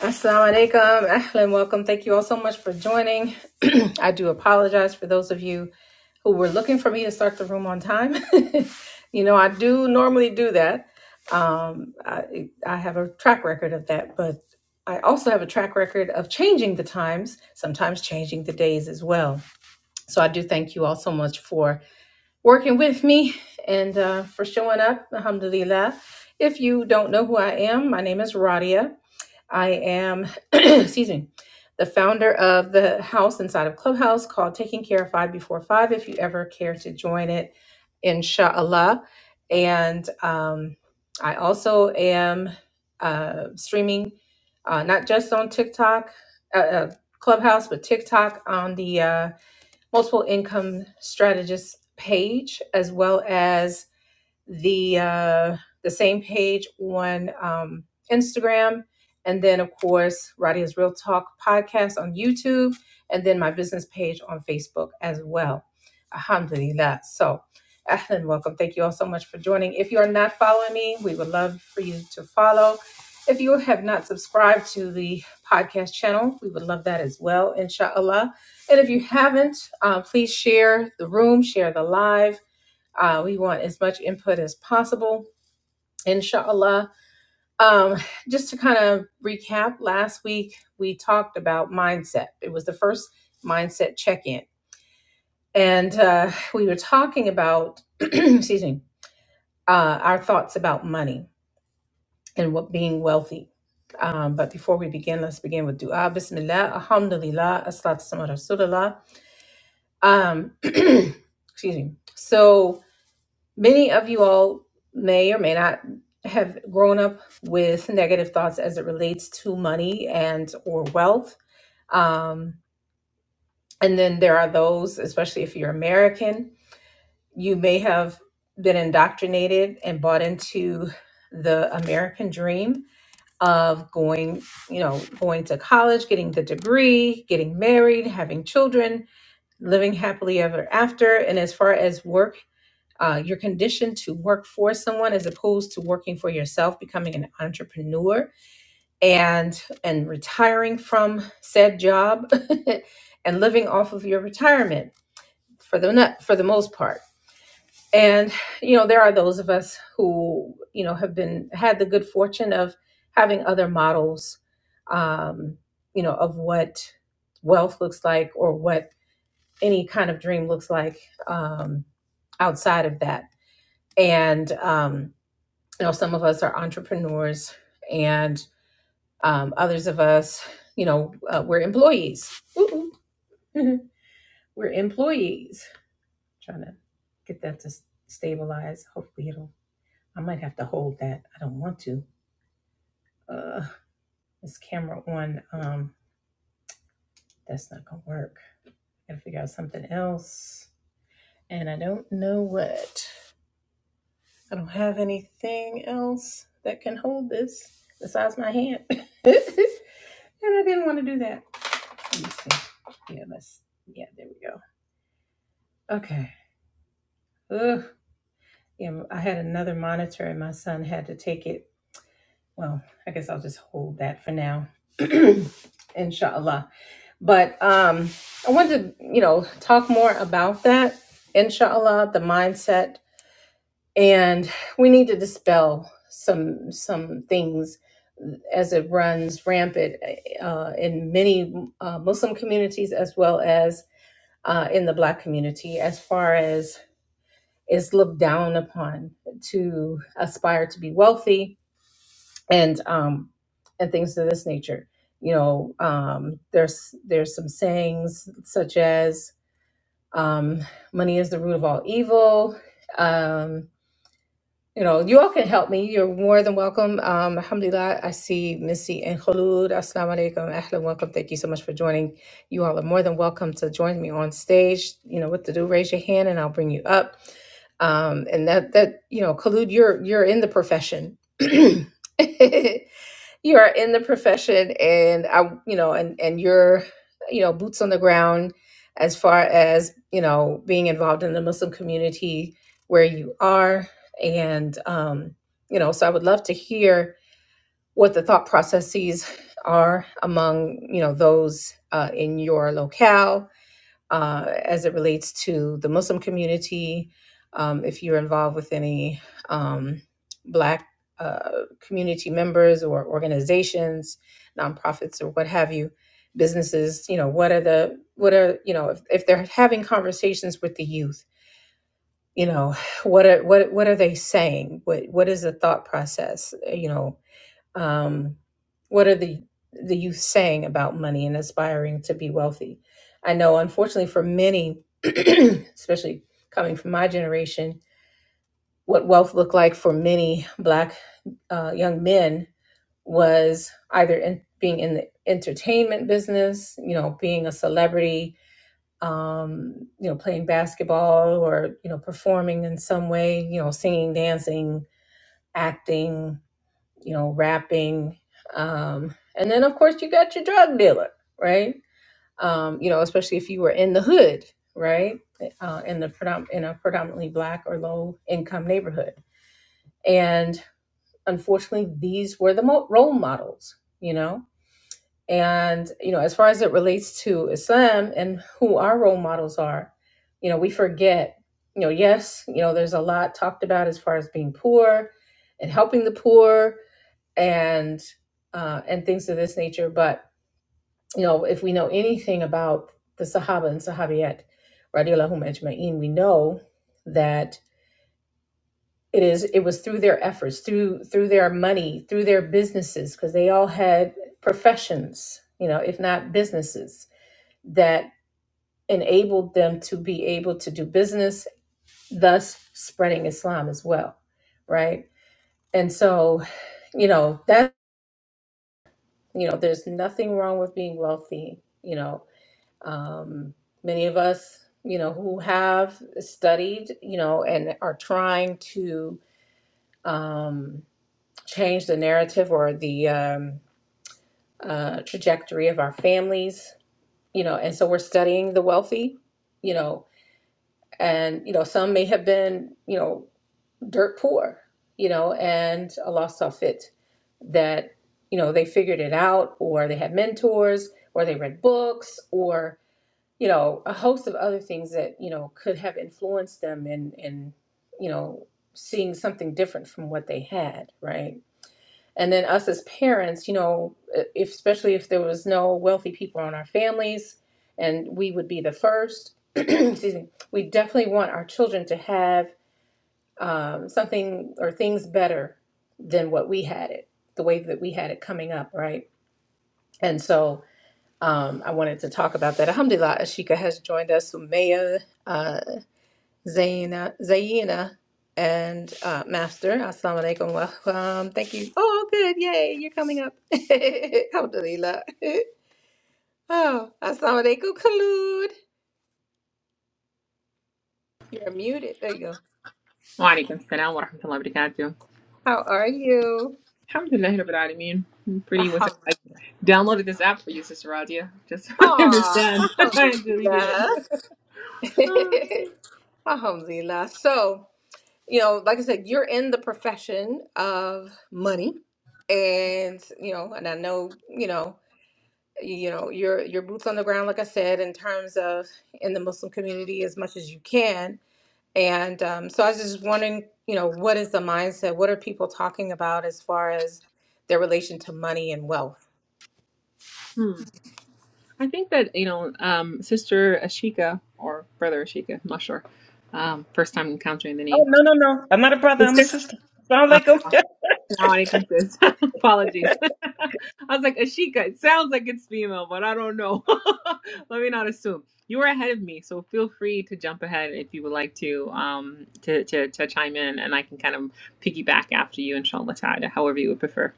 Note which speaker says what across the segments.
Speaker 1: Assalamu alaikum, ahlan, welcome. Thank you all so much for joining. I do apologize for those of you who were looking for me to start the room on time. you know, I do normally do that. Um, I, I have a track record of that, but I also have a track record of changing the times, sometimes changing the days as well. So I do thank you all so much for working with me and uh, for showing up, alhamdulillah. If you don't know who I am, my name is Radia. I am, excuse me, the founder of the house inside of Clubhouse called Taking Care of Five Before Five. If you ever care to join it, inshallah. And um, I also am uh, streaming uh, not just on TikTok, uh, uh, Clubhouse, but TikTok on the uh, Multiple Income Strategist page, as well as the uh, the same page on um, Instagram, and then of course Radia's Real Talk podcast on YouTube, and then my business page on Facebook as well. Alhamdulillah. So, ahlan, welcome. Thank you all so much for joining. If you are not following me, we would love for you to follow. If you have not subscribed to the podcast channel, we would love that as well, inshallah. And if you haven't, uh, please share the room, share the live uh, we want as much input as possible, inshallah. Um, just to kind of recap, last week we talked about mindset. It was the first mindset check in. And uh, we were talking about, excuse me, uh, our thoughts about money and what being wealthy. Um, but before we begin, let's begin with dua. Bismillah, alhamdulillah, as-salatu wassalamu ala rasulillah. Um, excuse me. So, Many of you all may or may not have grown up with negative thoughts as it relates to money and or wealth. Um, and then there are those, especially if you're American, you may have been indoctrinated and bought into the American dream of going, you know, going to college, getting the degree, getting married, having children, living happily ever after. And as far as work uh, you're conditioned to work for someone as opposed to working for yourself, becoming an entrepreneur, and and retiring from said job, and living off of your retirement for the nut- for the most part. And you know there are those of us who you know have been had the good fortune of having other models, um, you know, of what wealth looks like or what any kind of dream looks like um, outside of that. And um, you know some of us are entrepreneurs and um, others of us you know uh, we're employees Ooh, ooh. we're employees trying to get that to s- stabilize hopefully it'll i might have to hold that i don't want to uh, this camera on um, that's not gonna work gotta figure out something else and i don't know what i don't have anything else that can hold this besides my hand and i didn't want to do that Let me see. Yeah, that's yeah. There we go. Okay. Ugh. Yeah, I had another monitor, and my son had to take it. Well, I guess I'll just hold that for now, inshallah. But um, I wanted to, you know, talk more about that, inshallah, the mindset, and we need to dispel some some things as it runs rampant uh, in many uh, Muslim communities as well as uh, in the Black community as far as is looked down upon to aspire to be wealthy and um, and things of this nature. You know, um, there's there's some sayings such as um, "money is the root of all evil," um, you know, you all can help me. You're more than welcome. Um, alhamdulillah, I see Missy and Khulud. Assalamu alaikum. Ahlan, welcome. Thank you so much for joining. You all are more than welcome to join me on stage. You know what to do. Raise your hand and I'll bring you up. Um, and that, that you know, Khulud, you're, you're in the profession. you are in the profession and I you know and and you're you know boots on the ground as far as you know being involved in the Muslim community where you are and um you know so I would love to hear what the thought processes are among you know those uh, in your locale uh, as it relates to the Muslim community. Um, if you're involved with any um, Black uh, community members or organizations, nonprofits, or what have you, businesses, you know, what are the what are you know if, if they're having conversations with the youth, you know, what are what what are they saying? What what is the thought process? You know, um, what are the the youth saying about money and aspiring to be wealthy i know unfortunately for many especially coming from my generation what wealth looked like for many black uh, young men was either in, being in the entertainment business you know being a celebrity um, you know playing basketball or you know performing in some way you know singing dancing acting you know, rapping. Um, and then, of course, you got your drug dealer, right? Um, you know, especially if you were in the hood, right? Uh, in the predom- in a predominantly black or low income neighborhood. And unfortunately, these were the mo- role models, you know? And, you know, as far as it relates to Islam and who our role models are, you know, we forget, you know, yes, you know, there's a lot talked about as far as being poor and helping the poor and uh, and things of this nature. But you know, if we know anything about the Sahaba and Sahabiyat, radiyallahu ajma'in, we know that it is it was through their efforts, through through their money, through their businesses, because they all had professions, you know, if not businesses, that enabled them to be able to do business, thus spreading Islam as well, right? And so, you know, that you know, there's nothing wrong with being wealthy, you know, um, many of us you know who have studied you know and are trying to um, change the narrative or the um, uh, trajectory of our families you know and so we're studying the wealthy you know and you know some may have been you know dirt poor you know and allah saw fit that you know they figured it out or they had mentors or they read books or. you know, a host of other things that, you know, could have influenced them in in, you know, seeing something different from what they had, right? And then us as parents, you know, e, if, especially if there was no wealthy people in our families and we would be the first, excuse me, we definitely want our children to have um, something or things better than what we had it, the way that we had it coming up, right? And so, um, I wanted to talk about that. Alhamdulillah, Ashika has joined us, Sumaya, uh, Zaina, Zaina, and uh, Master. Assalamu alaikum. Welcome. Thank you. Oh, good. Yay. You're coming up. Alhamdulillah. Oh, Assalamu alaikum, Khalud. You're muted. There you go.
Speaker 2: وعليكم السلام wa rahmatullahi wa barakatuh.
Speaker 1: How are you?
Speaker 2: لله رب العالمين. I'm pretty was
Speaker 1: Alhamdulillah.
Speaker 2: I downloaded this app for you, Sister Radia. Just so I
Speaker 1: Aw,
Speaker 2: understand. I deleted it. Ah,
Speaker 1: Alhamdulillah. Alhamdulillah. So, you know, like I said, you're in the profession of money, and you know, and I know, you know, you know, your your boots on the ground, like I said, in terms of in the Muslim community as much as you can. And um, so I was just wondering, you know, what is the mindset? What are people talking about as far as their relation to money and wealth?
Speaker 2: hmm. I think that, you know, um, Sister Ashika or Brother Ashika, I'm not sure. Um, first time encountering the
Speaker 3: Oh
Speaker 2: name.
Speaker 3: no no no! I'm not a brother. I'm a
Speaker 2: Sister?
Speaker 3: sister. Sound
Speaker 2: Ah.
Speaker 3: like him? no, go
Speaker 2: Now I can sis. Apologies. I was like, Ashika, it sounds like it's female, but I don't know. Let me not assume. You were ahead of me, so feel free to jump ahead if you would like to um to, to, to chime in and I can kind of piggyback after you, inshallah ta'ala, however you would prefer.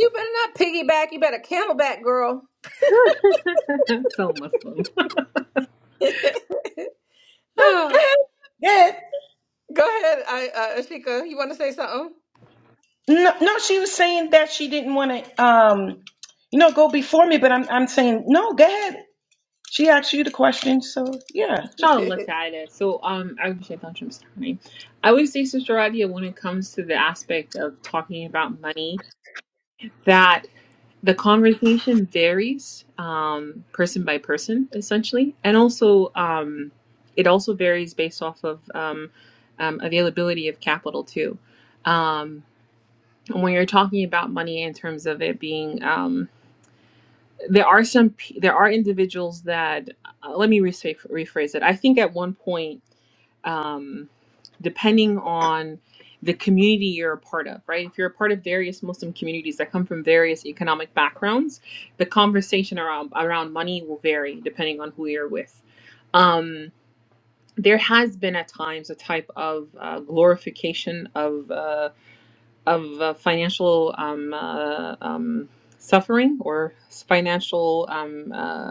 Speaker 1: You better not piggyback. You better camelback, girl.
Speaker 2: so Muslim.
Speaker 1: Oh,
Speaker 3: ahead. Go ahead.
Speaker 1: Go ahead, I, uh, Ashika. You want to say something?
Speaker 3: No, no. She was saying that she didn't want to, um, you know, go before me. But I'm, I'm saying no. Go ahead. She asked you the question, so yeah.
Speaker 2: Inshallah ta'ala. So um I wish I thought you starting. I would say, Sister Radia, when it comes to the aspect of talking about money, that. the conversation varies um, person by person essentially and also um, it also varies based off of um, um, availability of capital too um, and when you're talking about money in terms of it being um, there are some p- there are individuals that uh, let me rephrase, rephrase it i think at one point um, depending on the community you're a part of, right? If you're a part of various Muslim communities that come from various economic backgrounds, the conversation around around money will vary depending on who you're with. Um, there has been at times a type of uh, glorification of uh, of uh, financial um, uh, um, suffering or financial. Um, uh,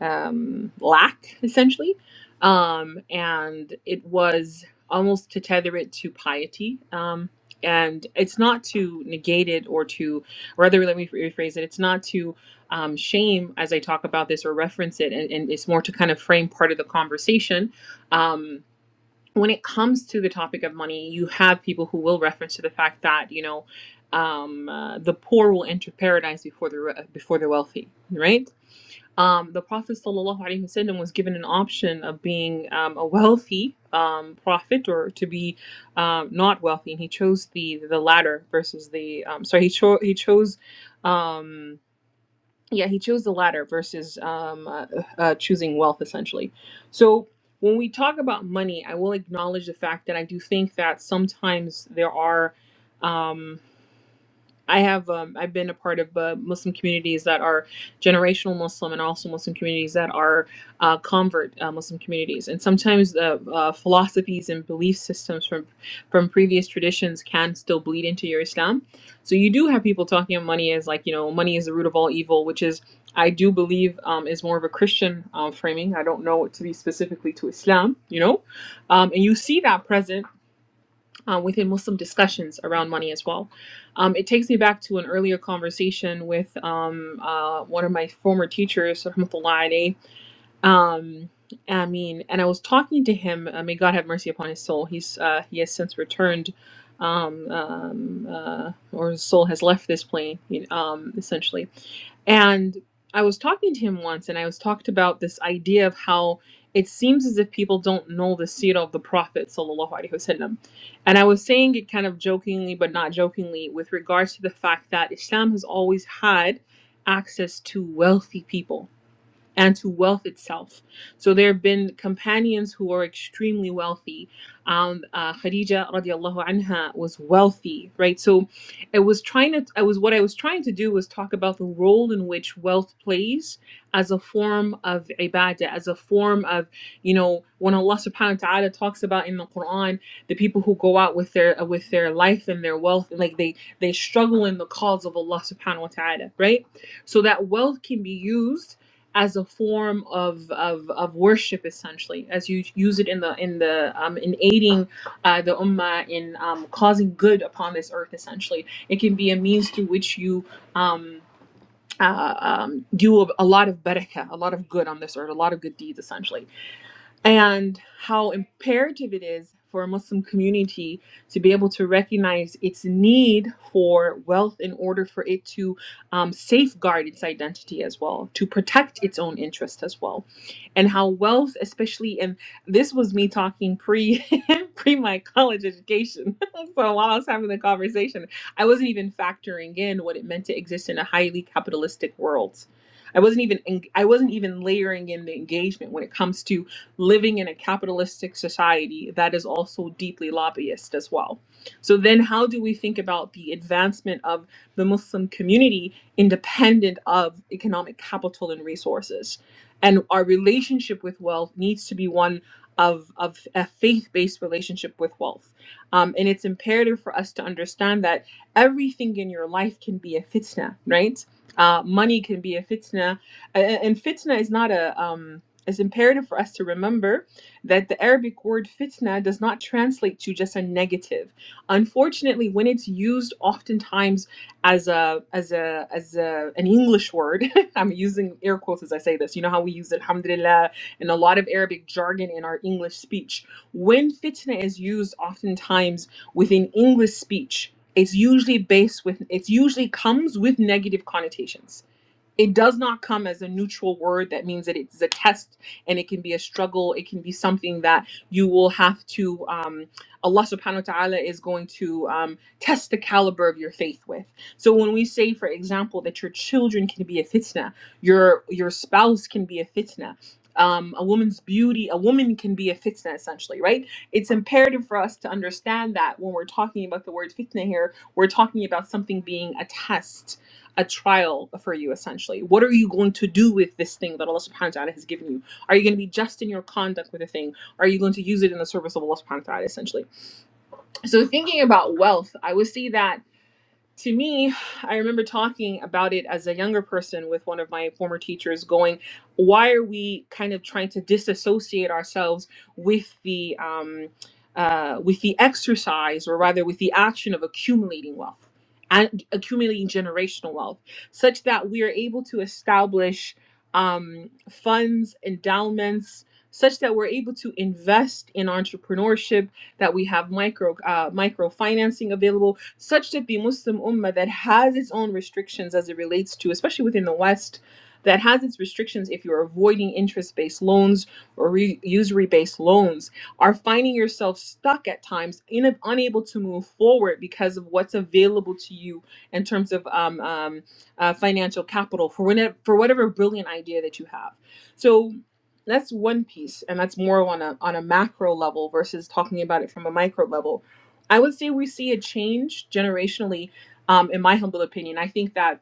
Speaker 2: um, lack, essentially. Um, and it was almost to tether it to piety. Um, and it's not to negate it or to, rather, let me rephrase it, it's not to um, shame as I talk about this or reference it, and, and it's more to kind of frame part of the conversation. Um, when it comes to the topic of money, you have people who will reference to the fact that, you know, um, uh, the poor will enter paradise before the re- before the wealthy, right? um, the Prophet ﷺ was given an option of being um, a wealthy um, prophet or to be um, not wealthy, and he chose the the latter versus the um, sorry he chose he chose um, yeah he chose the latter versus um, uh, uh, choosing wealth essentially. So when we talk about money, I will acknowledge the fact that I do think that sometimes there are. Um, I have um, I've been a part of uh, Muslim communities that are generational Muslim and also Muslim communities that are uh, convert uh, Muslim communities, and sometimes the uh, philosophies and belief systems from from previous traditions can still bleed into your Islam. So you do have people talking of money as like you know money is the root of all evil, which is I do believe um, is more of a Christian um, framing. I don't know it to be specifically to Islam, you know, um, and you see that present uh, within Muslim discussions around money as well. Um, it takes me back to an earlier conversation with um, uh, one of my former teachers, Rahmatullah alayhi. Um, I mean, and I was talking to him. Uh, may God have mercy upon his soul. He's uh, he has since returned, um, um, uh, or his soul has left this plane, you know, um, essentially. And I was talking to him once, and I was talked about this idea of how it seems as if people don't know the seerah of the Prophet sallallahu alaihi wasallam. And I was saying it kind of jokingly, but not jokingly, with regards to the fact that Islam has always had access to wealthy people and to wealth itself. So there have been companions who are extremely wealthy. Um, uh, Khadija radiallahu anha was wealthy, right? So it was trying to, I was, what I was trying to do was talk about the role in which wealth plays as a form of ibadah, as a form of, you know, when Allah subhanahu wa ta'ala talks about in the Quran, the people who go out with their, with their life and their wealth, like they, they struggle in the cause of Allah subhanahu wa ta'ala, right? So that wealth can be used as a form of, of, of worship essentially as you use it in the in the um, in aiding uh, the ummah in um, causing good upon this earth essentially it can be a means through which you um, uh, um, do a, a lot of barakah a lot of good on this earth a lot of good deeds essentially and how imperative it is for a Muslim community to be able to recognize its need for wealth in order for it to um, safeguard its identity as well, to protect its own interest as well, and how wealth, especially, and this was me talking pre pre my college education. so while I was having the conversation, I wasn't even factoring in what it meant to exist in a highly capitalistic world. I wasn't even I wasn't even layering in the engagement when it comes to living in a capitalistic society that is also deeply lobbyist as well. So then how do we think about the advancement of the Muslim community independent of economic capital and resources? And our relationship with wealth needs to be one of, of a faith-based relationship with wealth. Um, and it's imperative for us to understand that everything in your life can be a fitna, right? Uh, money can be a fitna, A- a- and fitna is not a um, it's imperative for us to remember that the Arabic word fitna does not translate to just a negative. Unfortunately, when it's used oftentimes as a as a as a, an English word, I'm using air quotes as I say this. You know how we use alhamdulillah and a lot of Arabic jargon in our English speech. When fitna is used oftentimes within English speech, it's usually based with it's usually comes with negative connotations it does not come as a neutral word that means that it's a test and it can be a struggle it can be something that you will have to um, allah subhanahu wa ta'ala is going to um, test the caliber of your faith with so when we say for example that your children can be a fitna your your spouse can be a fitna um, a woman's beauty a woman can be a fitna essentially right it's imperative for us to understand that when we're talking about the word fitna here we're talking about something being a test a trial for you essentially. What are you going to do with this thing that Allah subhanahu wa ta'ala has given you? Are you going to be just in your conduct with the thing? Are you going to use it in the service of Allah subhanahu wa ta'ala essentially? So thinking about wealth, I would say that to me, I remember talking about it as a younger person with one of my former teachers, going, "Why are we kind of trying to disassociate ourselves with the um, uh, with the exercise, or rather with the action of accumulating wealth and accumulating generational wealth, such that we are able to establish um, funds, endowments." Such that we're able to invest in entrepreneurship, that we have micro uh, microfinancing available, such that the Muslim Ummah that has its own restrictions as it relates to, especially within the West, that has its restrictions if you're avoiding interest-based loans or re- usury-based loans, are finding yourself stuck at times, in, unable to move forward because of what's available to you in terms of um, um, uh, financial capital for whenever, for whatever brilliant idea that you have. So that's one piece and that's more on a on a macro level versus talking about it from a micro level i would say we see a change generationally um, in my humble opinion i think that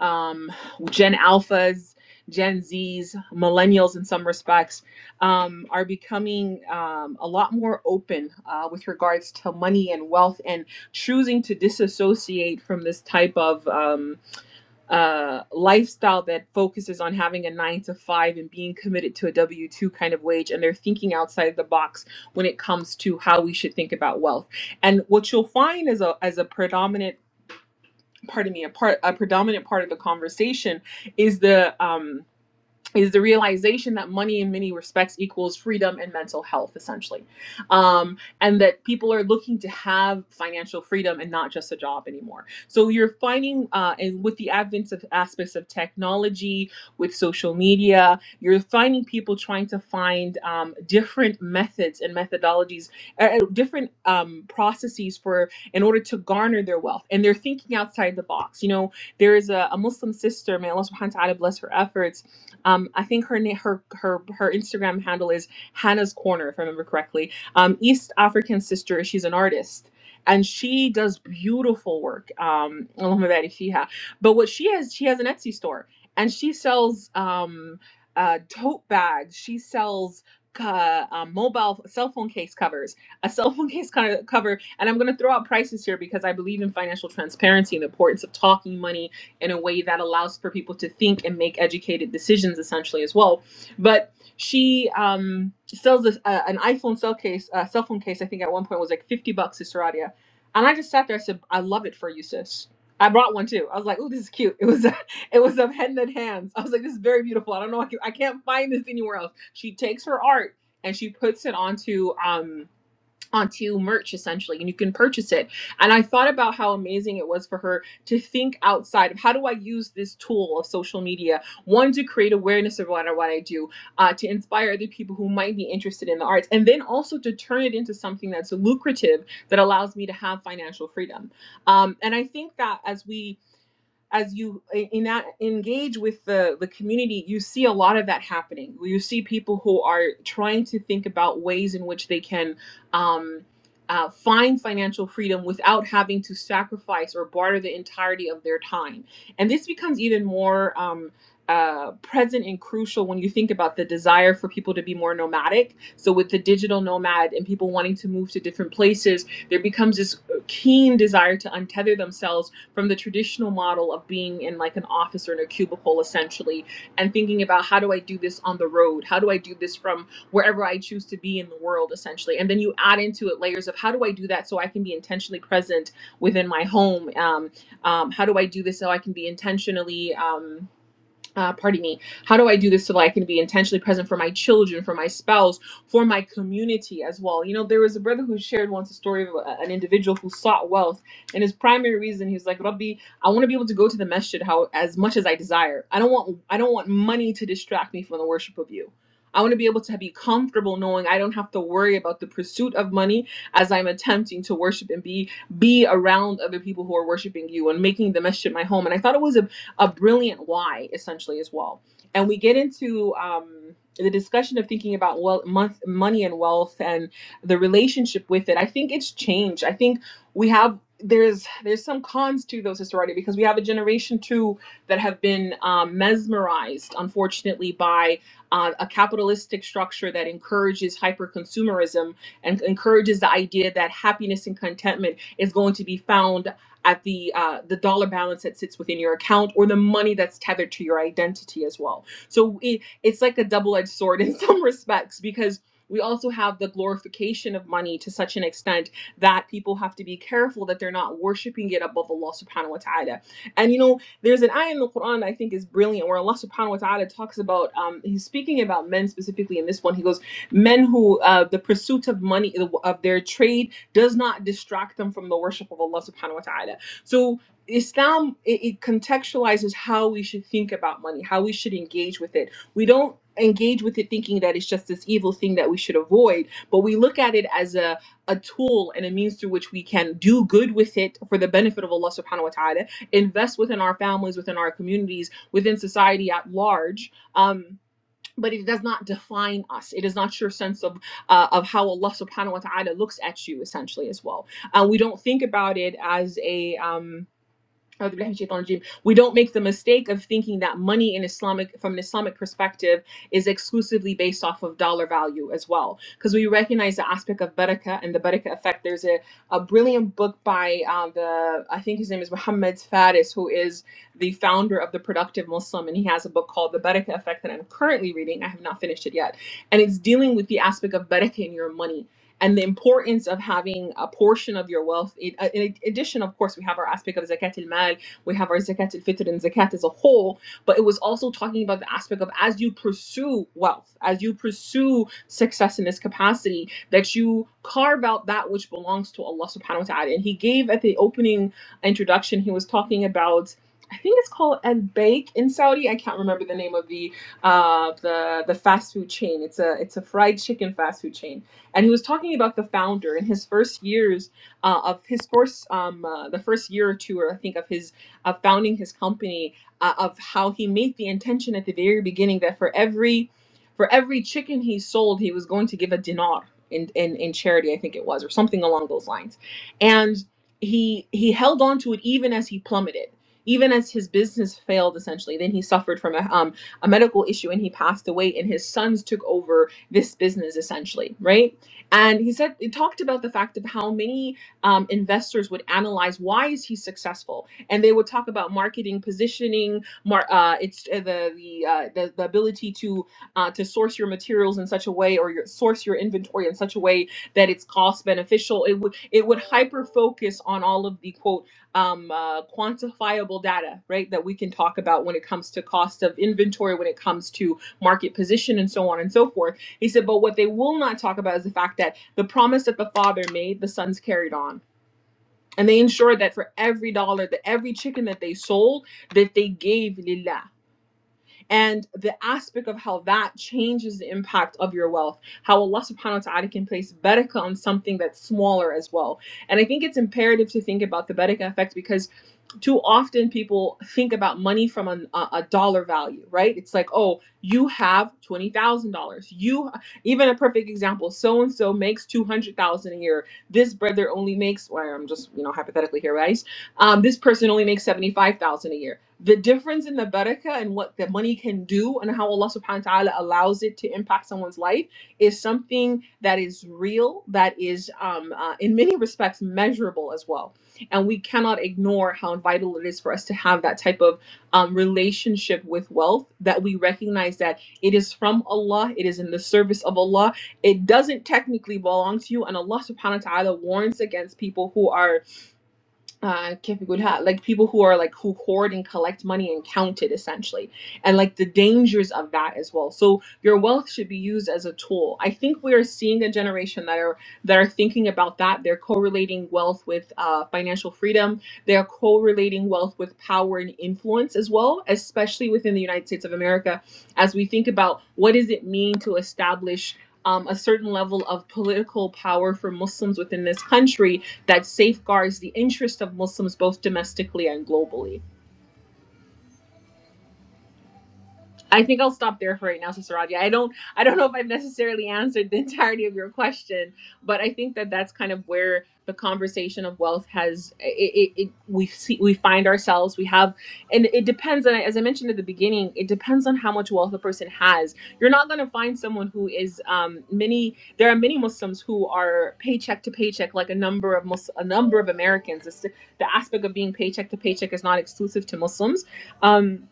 Speaker 2: um, gen alphas gen z's millennials in some respects um, are becoming um, a lot more open uh, with regards to money and wealth and choosing to disassociate from this type of um, uh, lifestyle that focuses on having a nine to five and being committed to a W 2 kind of wage. And they're thinking outside the box when it comes to how we should think about wealth. And what you'll find as a, as a predominant, pardon me, a, part, a predominant part of the conversation is the, um, is the realization that money in many respects equals freedom and mental health essentially um, and that people are looking to have financial freedom and not just a job anymore so you're finding uh, and with the advent of aspects of technology with social media you're finding people trying to find um, different methods and methodologies uh, uh, different um, processes for in order to garner their wealth and they're thinking outside the box you know there is a, a muslim sister may allah subhanahu wa ta'ala bless her efforts um, I think her na- her her her Instagram handle is Hannah's Corner, if I remember correctly. Um, East African sister. She's an artist. And she does beautiful work. Um, اللهم بارك فيها. but what she has, she has an Etsy store, and she sells um, uh, tote bags. She sells uh, um, mobile cell phone case covers, a cell phone case co- cover. And I'm going to throw out prices here because I believe in financial transparency and the importance of talking money in a way that allows for people to think and make educated decisions essentially as well but she um, sells this, uh, an iphone cell case uh, cell phone case i think at one point was like 50 bucks to Seradia. and i just sat there i said i love it for you sis I brought one too. I was like, "Oh, this is cute." It was, it was of head and hands. I was like, "This is very beautiful." I don't know, I, can, I can't find this anywhere else. She takes her art and she puts it onto um, onto merch essentially and you can purchase it and i thought about how amazing it was for her to think outside of how do i use this tool of social media one to create awareness of what i, what I do uh, to inspire other people who might be interested in the arts and then also to turn it into something that's lucrative that allows me to have financial freedom um, and i think that as we as you eh, in that engage with the the community you see a lot of that happening you see people who are trying to think about ways in which they can um uh, find financial freedom without having to sacrifice or barter the entirety of their time and this becomes even more um uh, present and crucial when you think about the desire for people to be more nomadic. So, with the digital nomad and people wanting to move to different places, there becomes this uh, keen desire to untether themselves from the traditional model of being in like an office or in a cubicle essentially and thinking about how do I do this on the road? How do I do this from wherever I choose to be in the world essentially? And then you add into it layers of how do I do that so I can be intentionally present within my home? Um, um, how do I do this so I can be intentionally? Um, uh, pardon me, how do I do this so that I can be intentionally present for my children, for my spouse, for my community as well? You know, there was a brother who shared once a story of a- an individual who sought wealth, and his primary reason he was like, Rabbi, I want to be able to go to the masjid how as much as I desire. I don't want I don't want money to distract me from the worship of you. I want to be able to be comfortable knowing I don't have to worry about the pursuit of money as I'm attempting to worship and be be around other people who are worshiping you and making the masjid my home. And I thought it was a a brilliant why essentially as well and we get into um, the discussion of thinking about wealth, month, money and wealth and the relationship with it i think it's changed i think we have there's there's some cons to those historically because we have a generation too that have been um, mesmerized unfortunately by uh, a capitalistic structure that encourages hyper consumerism and encourages the idea that happiness and contentment is going to be found at the uh, the dollar balance that sits within your account or the money that's tethered to your identity as well. So it, it's like a double edged sword in some respects because we also have the glorification of money to such an extent that people have to be careful that they're not worshiping it above Allah subhanahu wa ta'ala. And you know, there's an ayah in the Quran that I think is brilliant where Allah subhanahu wa ta'ala talks about, um, he's speaking about men specifically in this one. He goes, Men who, uh, the pursuit of money, of their trade does not distract them from the worship of Allah subhanahu wa ta'ala. So Islam it, it contextualizes how we should think about money, how we should engage with it. We don't engage with it thinking that it's just this evil thing that we should avoid, but we look at it as a, a tool and a means through which we can do good with it for the benefit of Allah subhanahu wa ta'ala, invest within our families, within our communities, within society at large. Um, but it does not define us. It is not your sense of uh, of how Allah Subhanahu wa Taala looks at you, essentially, as well. Uh, we don't think about it as a um, أعوذ بالله من الشيطان الرجيم. We don't make the mistake of thinking that money in Islamic, from an Islamic perspective, is exclusively based off of dollar value as well, because we recognize the aspect of barakah and the barakah effect. There's a, a brilliant book by uh, the I think his name is Muhammad Faris, who is the founder of the Productive Muslim, and he has a book called The Barakah Effect that I'm currently reading. I have not finished it yet, and it's dealing with the aspect of barakah in your money and the importance of having a portion of your wealth. In, uh, in addition, of course, we have our aspect of zakat al-mal, we have our zakat al-fitr and zakat as a whole, but it was also talking about the aspect of as you pursue wealth, as you pursue success in this capacity, that you carve out that which belongs to Allah subhanahu wa ta'ala. And he gave at the opening introduction, he was talking about I think it's called Al Bake in Saudi. I can't remember the name of the uh, the the fast food chain. It's a it's a fried chicken fast food chain and he was talking about the founder in his first years uh, of his first um, uh, the first year or two or i think of his of founding his company uh, of how he made the intention at the very beginning that for every for every chicken he sold he was going to give a dinar in in, in charity i think it was or something along those lines and he he held on to it even as he plummeted even as his business failed essentially then he suffered from a, um, a medical issue and he passed away and his sons took over this business essentially right and he said he talked about the fact of how many um, investors would analyze why is he successful, and they would talk about marketing, positioning, mar- uh, it's uh, the the, uh, the the ability to uh, to source your materials in such a way or your, source your inventory in such a way that it's cost beneficial. It would it would hyper focus on all of the quote um, uh, quantifiable data, right? That we can talk about when it comes to cost of inventory, when it comes to market position, and so on and so forth he said, But what they will not talk about is the fact that the promise that the father made, the sons carried on. And they ensured that for every dollar, that every chicken that they sold, that they gave Lillah and the aspect of how that changes the impact of your wealth, how Allah subhanahu wa ta'ala can place barakah on something that's smaller as well. And I think it's imperative to think about the barakah effect because too often people think about money from an, a, a dollar value, right? It's like, oh, you have $20,000. You, even a perfect example, so and so makes 200,000 a year. This brother only makes, well, I'm just, you know, hypothetically here, right? Um, this person only makes 75,000 a year the difference in the barakah and what the money can do and how Allah subhanahu wa ta'ala allows it to impact someone's life is something that is real, that is um, uh, in many respects measurable as well. And we cannot ignore how vital it is for us to have that type of um, relationship with wealth that we recognize that it is from Allah, it is in the service of Allah. It doesn't technically belong to you. And Allah subhanahu wa ta'ala warns against people who are uh que like people who are like who hoard and collect money and count it essentially and like the dangers of that as well so your wealth should be used as a tool i think we are seeing a generation that are that are thinking about that they're correlating wealth with uh, financial freedom they are correlating wealth with power and influence as well especially within the united states of america as we think about what does it mean to establish um, a certain level of political power for muslims within this country that safeguards the interest of Muslims both domestically and globally. I think I'll stop there for right now, Sister Radia. I don't, I don't know if I've necessarily answered the entirety of your question, but I think that that's kind of where the conversation of wealth has it. it, it we see, we find ourselves. We have, and it depends. And as I mentioned at the beginning, it depends on how much wealth a person has. You're not going to find someone who is um, many. There are many Muslims who are paycheck to paycheck, like a number of Mus- a number of Americans. It's, the the aspect of being paycheck to paycheck is not exclusive to Muslims. Um,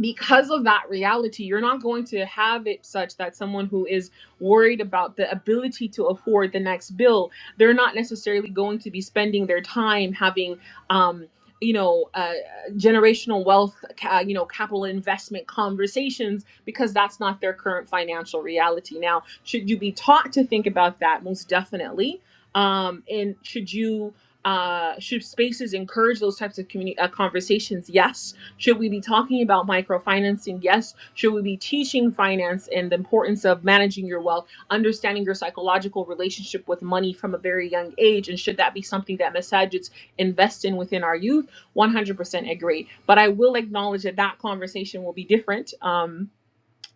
Speaker 2: because of that reality, you're not going to have it such that someone who is worried about the ability to afford the next bill, they're not necessarily going to be spending their time having, um, you know, uh, generational wealth, ca- you know, capital investment conversations because that's not their current financial reality. Now, should you be taught to think about that? Most definitely. Um, and should you, uh, should spaces encourage those types of communi- uh, conversations? Yes should we be talking about microfinancing? Yes. Should we be teaching finance and the importance of managing your wealth, understanding your psychological relationship with money from a very young age? And should that be something that Massagettes invest in within our youth? 100% agree. But I will acknowledge that that conversation will be different. Um,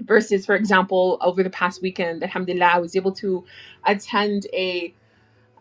Speaker 2: versus, for example, over the past weekend, alhamdulillah, I was able to attend a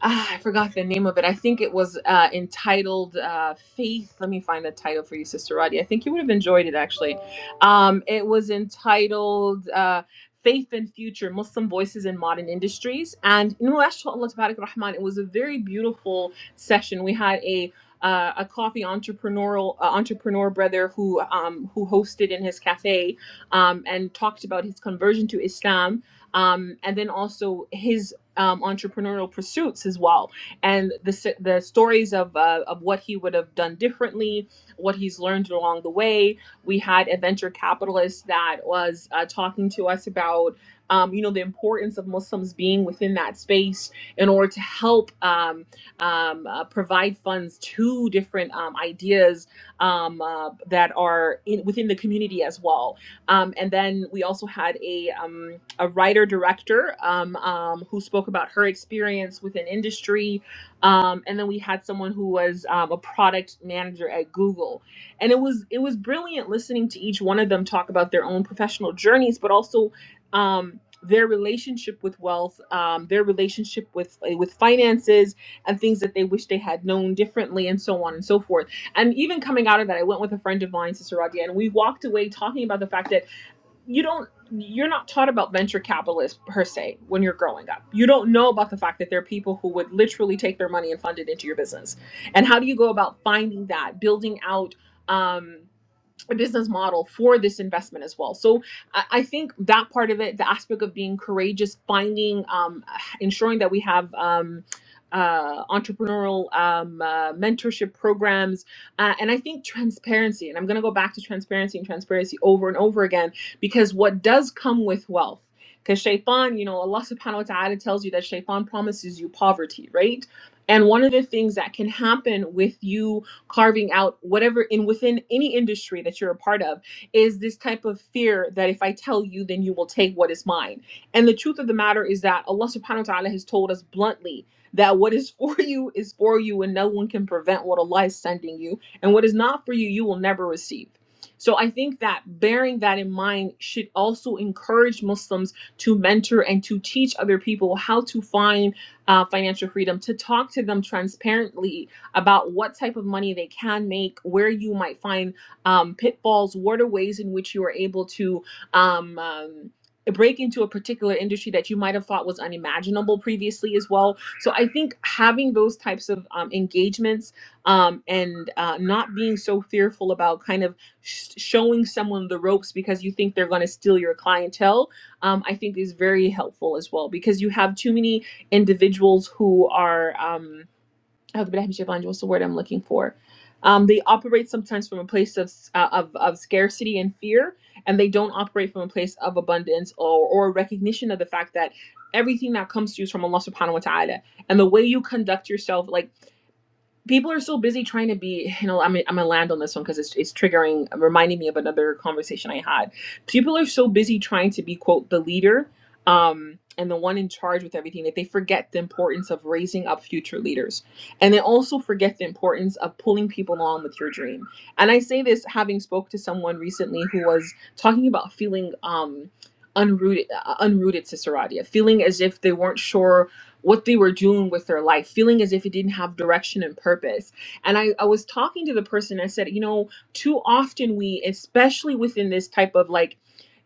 Speaker 2: ah, I forgot the name of it. I think it was uh, entitled uh, Faith. Let me find the title for you, Sister Roddy. I think you would have enjoyed it actually. Um, it was entitled uh, Faith and Future Muslim Voices in Modern Industries. And you know, mashallah, tabarak rahman, it was a very beautiful session. We had a uh, a coffee entrepreneurial uh, entrepreneur brother who um, who hosted in his cafe um, and talked about his conversion to Islam um, and then also his um, entrepreneurial pursuits as well, and the the stories of uh, of what he would have done differently, what he's learned along the way. We had a venture capitalist that was uh, talking to us about um, you know the importance of Muslims being within that space in order to help um, um, uh, provide funds to different um, ideas um, uh, that are in, within the community as well um, and then we also had a, um, a writer director um, um, who spoke about her experience within industry. Um, and then we had someone who was um, a product manager at Google. And it was it was brilliant listening to each one of them talk about their own professional journeys, but also um, their relationship with wealth, um, their relationship with with finances, and things that they wish they had known differently, and so on and so forth and even coming out of that, I went with a friend of mine, Sister Radia, and we walked away talking about the fact that you don't you're not taught about venture capitalists per se when you're growing up. You don't know about the fact that there are people who would literally take their money and fund it into your business. And how do you go about finding that, building out? Um, a business model for this investment as well. So I, I think that part of it, the aspect of being courageous, finding, um, ensuring that we have um, uh, entrepreneurial um, uh, mentorship programs, uh, and I think transparency. And I'm going to go back to transparency and transparency over and over again because what does come with wealth. Because shaitan, you know, Allah subhanahu wa ta'ala tells you that shaitan promises you poverty, right? And one of the things that can happen with you carving out whatever in within any industry that you're a part of is this type of fear that if I tell you, then you will take what is mine. And the truth of the matter is that Allah subhanahu wa ta'ala has told us bluntly that what is for you is for you and no one can prevent what Allah is sending you. And what is not for you, you will never receive. So I think that bearing that in mind should also encourage Muslims to mentor and to teach other people how to find uh, financial freedom, to talk to them transparently about what type of money they can make, where you might find um, pitfalls, what are ways in which you are able to um, um, break into a particular industry that you might have thought was unimaginable previously as well. So I think having those types of um, engagements um, and uh, not being so fearful about kind of sh- showing someone the ropes because you think they're going to steal your clientele, um, I think is very helpful as well because you have too many individuals who are. Um, أعوذ بالله من الشيطان الرجيم. What's the word I'm looking for? Um, they operate sometimes from a place of, uh, of of scarcity and fear, and they don't operate from a place of abundance or or recognition of the fact that everything that comes to you is from Allah Subhanahu wa Taala. And the way you conduct yourself, like people are so busy trying to be you know i'm, I'm gonna land on this one because it's, it's triggering reminding me of another conversation i had people are so busy trying to be quote the leader um and the one in charge with everything that they forget the importance of raising up future leaders and they also forget the importance of pulling people along with your dream and i say this having spoke to someone recently who was talking about feeling um unrooted uh, unrooted sister Radia, feeling as if they weren't sure what they were doing with their life, feeling as if it didn't have direction and purpose. And I, I was talking to the person, I said, you know, too often we, especially within this type of like,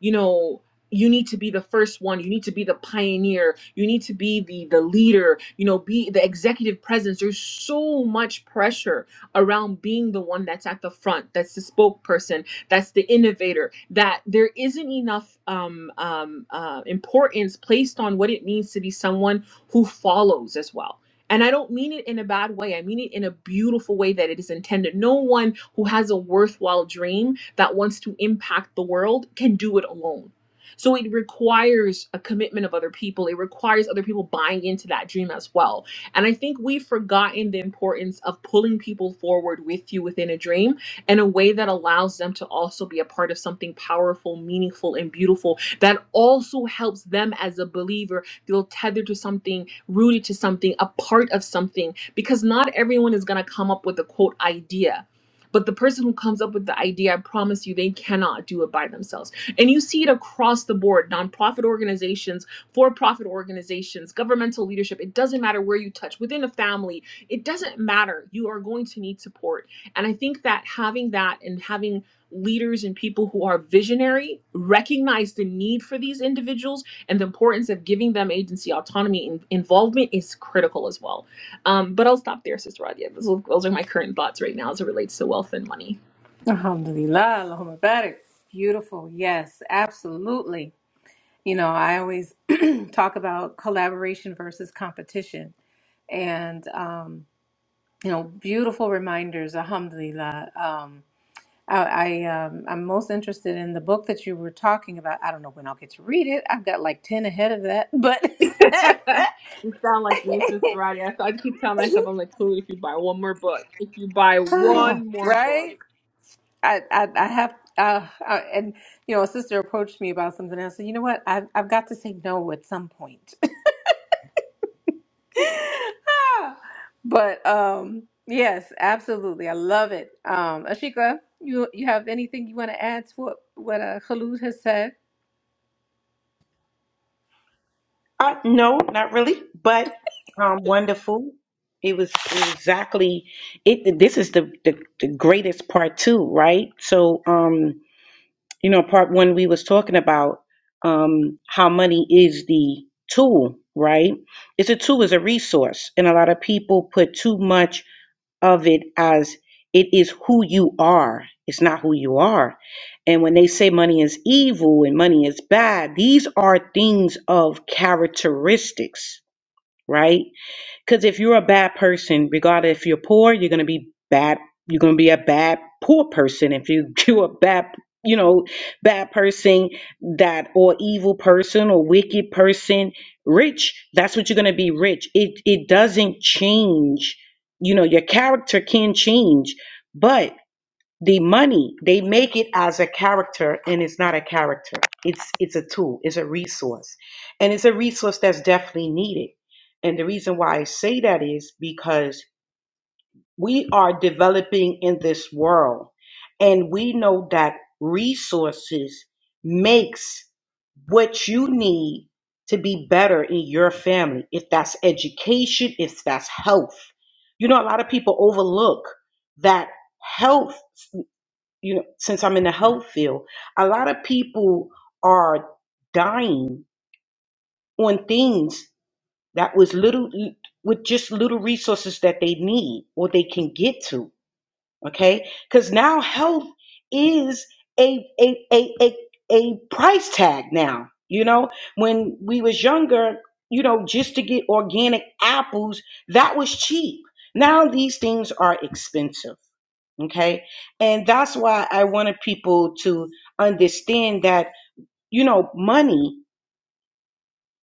Speaker 2: you know, you need to be the first one you need to be the pioneer you need to be the the leader you know be the executive presence there's so much pressure around being the one that's at the front that's the spokesperson that's the innovator that there isn't enough um, um, uh, importance placed on what it means to be someone who follows as well. And I don't mean it in a bad way. I mean it in a beautiful way that it is intended. No one who has a worthwhile dream that wants to impact the world can do it alone. So it requires a commitment of other people. It requires other people buying into that dream as well. And I think we've forgotten the importance of pulling people forward with you within a dream in a way that allows them to also be a part of something powerful, meaningful, and beautiful that also helps them as a believer Feel tethered to something, rooted to something, a part of something, because not everyone is going to come up with a quote idea. But the person who comes up with the idea, I promise you, they cannot do it by themselves. And you see it across the board nonprofit organizations, for profit organizations, governmental leadership. It doesn't matter where you touch, within a family, it doesn't matter. You are going to need support. And I think that having that and having leaders and people who are visionary recognize the need for these individuals and the importance of giving them agency, autonomy, and involvement is critical as well. Um, but I'll stop there, Sister Radia. Those, those are my current thoughts right now as it relates to wealth and money.
Speaker 1: Alhamdulillah, Allahumma barik. Beautiful. Yes, absolutely. You know, I always talk about collaboration versus competition. And, um, you know, beautiful reminders, alhamdulillah. Um, I, I um, I'm most interested in the book that you were talking about. I don't know when I'll get to read it. I've got like 10 ahead of that, but
Speaker 2: you sound like me, Sister Radia. So I keep telling myself, I'm like, cool, if you buy one more book, if you buy one more
Speaker 1: right?
Speaker 2: book.
Speaker 1: I, I, I have, uh, uh, and you know, a sister approached me about something. and I said, you know what? I've, I've got to say no at some point. Ah, but um, yes, absolutely, I love it. Um, Ashika, you you have anything you want to add to what what uh, Khalud has said?
Speaker 3: Uh, no, not really. But um, wonderful. It was exactly it. This is the the, the greatest part too, right? So um. You know, part one we was talking about um, how money is the tool, right? It's a tool, it's a resource, and a lot of people put too much of it as it is who you are. It's not who you are. And when they say money is evil and money is bad, these are things of characteristics, right? Because if you're a bad person, regardless if you're poor, you're gonna be bad. You're gonna be a bad poor person. If you you a bad, you know, bad person that or evil person or wicked person, rich. That's what you're gonna be. Rich. It it doesn't change. You know, your character can change, but the money they make it as a character and it's not a character it's it's a tool it's a resource and it's a resource that's definitely needed and the reason why i say that is because we are developing in this world and we know that resources makes what you need to be better in your family if that's education if that's health you know a lot of people overlook that health you know, since I'm in the health field, a lot of people are dying on things that was little with just little resources that they need or they can get to okay because now health is a a, a a a price tag now you know when we was younger you know just to get organic apples that was cheap now these things are expensive okay and that's why i wanted people to understand that you know money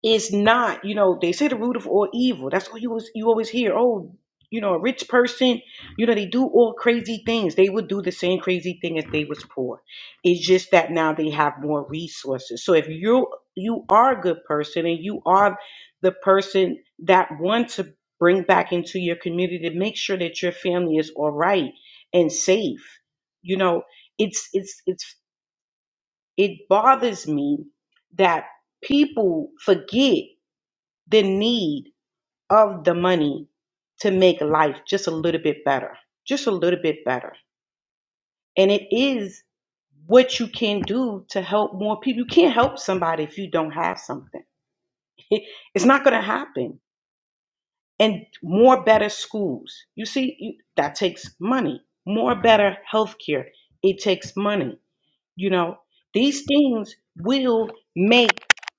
Speaker 3: it's not, you know, they say the root of all evil. That's all you was you always hear. Oh, you know, a rich person, you know, they do all crazy things. They would do the same crazy thing if they was poor. It's just that now they have more resources. So if you you are a good person and you are the person that want to bring back into your community to make sure that your family is all right and safe, you know, it's it's it's it bothers me that people forget the need of the money to make life just a little bit better, just a little bit better. And it is what you can do to help more people. You can't help somebody if you don't have something. It's not going to happen. And more better schools. You see, you, that takes money. More better healthcare. It takes money. You know, these things will make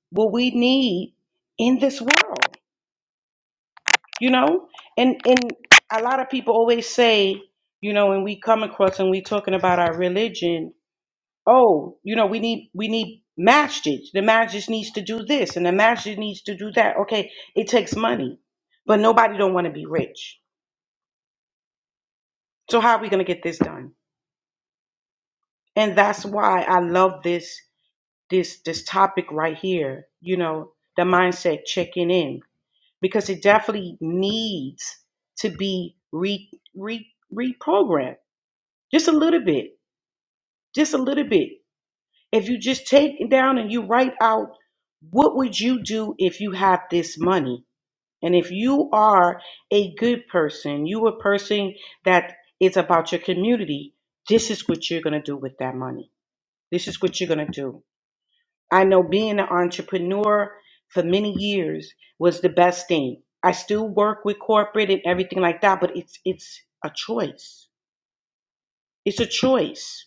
Speaker 3: what we need in this world. you know and and a lot of people always say you know when we come across and we talking about our religion oh you know we need we need masjid the masjid needs to do this and the masjid needs to do that okay it takes money but nobody don't want to be rich so how are we going to get this done and that's why i love this this this topic right here you know the mindset checking in because it definitely needs to be re, re reprogrammed just a little bit just a little bit if you just take it down and you write out what would you do if you had this money and if you are a good person you a person that is about your community this is what you're going to do with that money this is what you're going to do i know being an entrepreneur for many years was the best thing i still work with corporate and everything like that but it's it's a choice it's a choice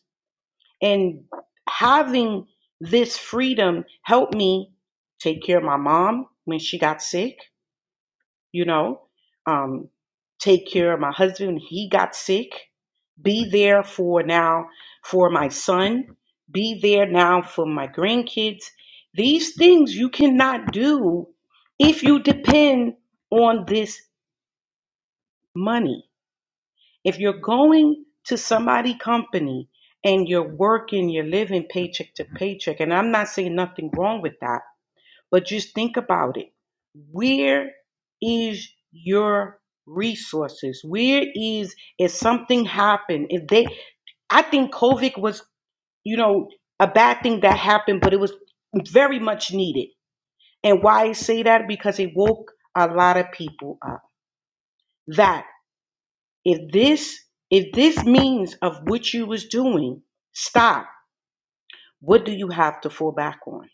Speaker 3: And having this freedom helped me take care of my mom when she got sick, you know, um, take care of my husband when he got sick, be there for now for my son, be there now for my grandkids. These things you cannot do if you depend on this money. If you're going to somebody company and you're working, you're living paycheck to paycheck, and I'm not saying nothing wrong with that, but just think about it. Where is your resources? Where is if something happened? If they I think COVID was, you know, a bad thing that happened, but it was very much needed. And why I say that? Because it woke a lot of people up. That. If this if this means of what you was doing, stop. What do you have to fall back on?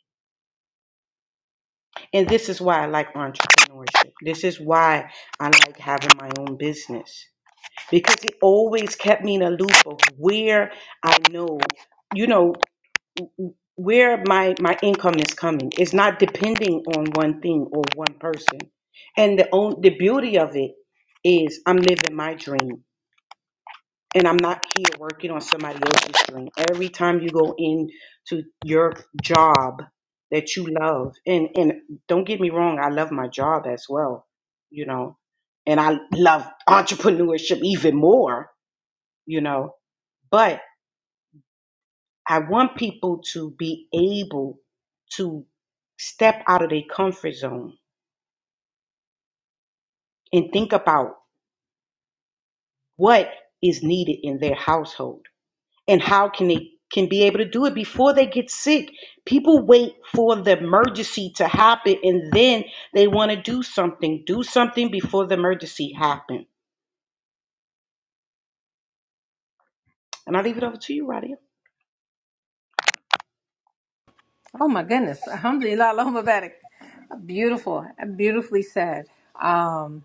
Speaker 3: And this is why I like entrepreneurship. This is why I like having my own business. Because it always kept me in a loop of where I know, you know, where my my income is coming. It's not depending on one thing or one person. And the on, the beauty of it is I'm living my dream. and I'm not here working on somebody else's dream. Every time you go into your job that you love, and and don't get me wrong, I love my job as well, you know, and I love entrepreneurship even more, you know. But I want people to be able to step out of their comfort zone and think about what is needed in their household and how can they can be able to do it before they get sick people wait for the emergency to happen and then they want to do something do something before the emergency happen and i leave it over to you Radia.
Speaker 1: Oh my goodness, Alhamdulillah, Allahumma barik. Beautiful, beautifully said. Um,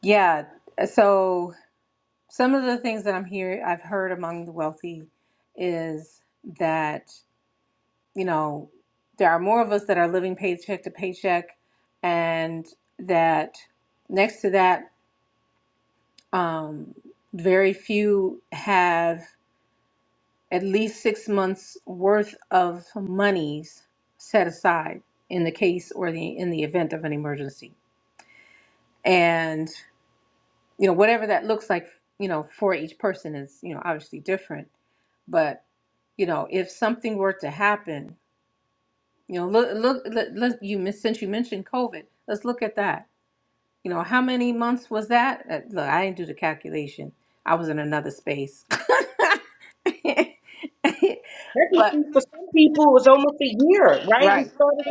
Speaker 1: yeah. So some of the things that I'm here, I've heard among the wealthy is that. you know, there are more of us that are living paycheck to paycheck, and that next to that, um, very few have at least six months worth of monies set aside in the case or the in the event of an emergency. And you know, whatever that looks like, you know, for each person is you know obviously different, but you know, if something were to happen You know, look, look, let, let you miss- since you mentioned COVID, let's look at that. You know, how many months was that? Uh, Look, I didn't do the calculation. I was in another space. But
Speaker 3: Technically, for some people it was almost a year right we
Speaker 1: right,
Speaker 3: started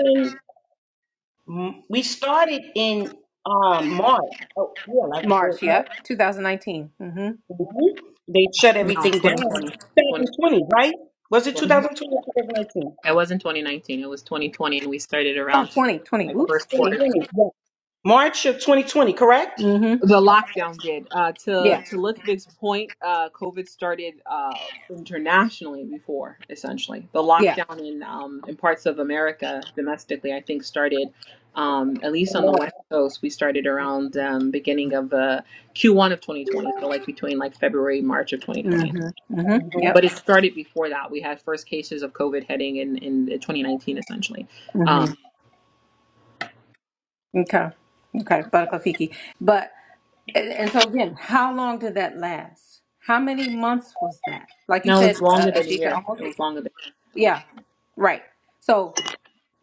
Speaker 3: in we started in um march oh yeah
Speaker 1: March,
Speaker 3: like
Speaker 1: yep, 2019. Mm-hmm.
Speaker 3: Mhm. They shut
Speaker 2: No,
Speaker 3: everything down.
Speaker 2: 2020.
Speaker 3: 2020, right? Was it
Speaker 1: hmm
Speaker 3: 2020 or 2019?
Speaker 2: It wasn't 2019. It was 2020, and we started
Speaker 1: Oh,
Speaker 2: around
Speaker 1: twenty, twenty.
Speaker 2: like first quarter.
Speaker 1: Oops.
Speaker 3: 2020, yeah. March of 2020, correct?
Speaker 1: Mm-hmm.
Speaker 2: The lockdown did. Uh, to
Speaker 1: Yeah,
Speaker 2: to Litvic's point, uh, COVID started uh, internationally before. Essentially, the
Speaker 1: yeah.
Speaker 2: lockdown in um, in parts of America domestically, I think, started um, at least on the
Speaker 3: March.
Speaker 2: West Coast. We started around um, beginning of uh, Q1 of 2020, so like between like February March of 2020.
Speaker 1: Mm-hmm. Mm-hmm.
Speaker 3: hmm
Speaker 1: Yep.
Speaker 2: But it started before that. We had first cases of COVID heading in in 2019, essentially Um,
Speaker 1: Mm-hmm. Okay. Okay, Buttercup Fiki. But And, and so again, how long did that last? How many months was that? Like you
Speaker 2: No, it was
Speaker 1: said, uh,
Speaker 2: longer than a
Speaker 1: Ashika,
Speaker 2: year. It
Speaker 1: almost.
Speaker 2: was longer than.
Speaker 1: Yeah, right. So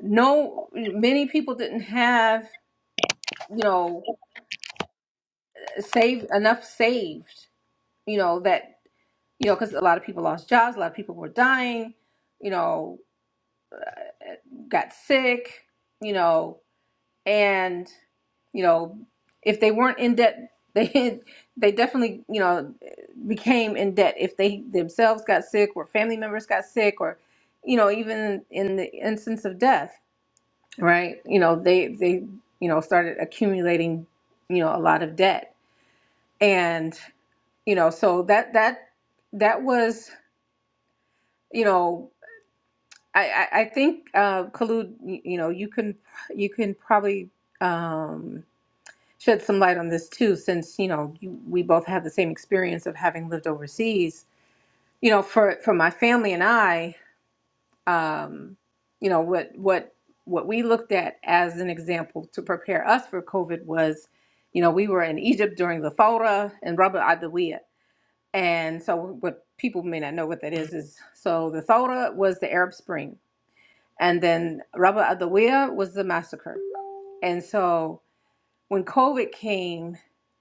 Speaker 1: no, many people didn't have you know saved enough saved. You know that you know because a lot of people lost jobs, a lot of people were dying. You know, got sick. You know, and you know if they weren't in debt they they definitely you know became in debt if they themselves got sick or family members got sick or you know even in the instance of death right you know they they you know started accumulating you know a lot of debt and you know so that that that was you know I, I I think uh, Kalud, you you know, you can you can probably um, shed some light on this too, since you know you, we both have the same experience of having lived overseas. You know, for for my family and I, um, you know what what what we looked at as an example to prepare us for COVID was, you know, we were in Egypt during the Thawra and Rabbi Adawiya, and so what people may not know what that is is so the Thawra was the Arab Spring, and then Rabbi Adawiya was the massacre, and so when COVID came,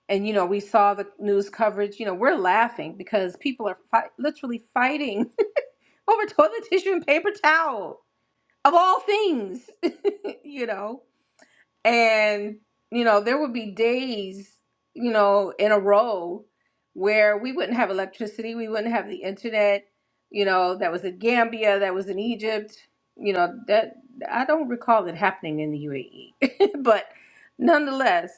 Speaker 1: and you know we saw the news coverage. You know we're laughing because people are fi- literally fighting over toilet tissue and paper towel of all things. you know. And, you know, there would be days, you know, in a row where we wouldn't have electricity, we wouldn't have the internet, you know, that was in Gambia, that was in Egypt, you know, that I don't recall it happening in the UAE. But nonetheless,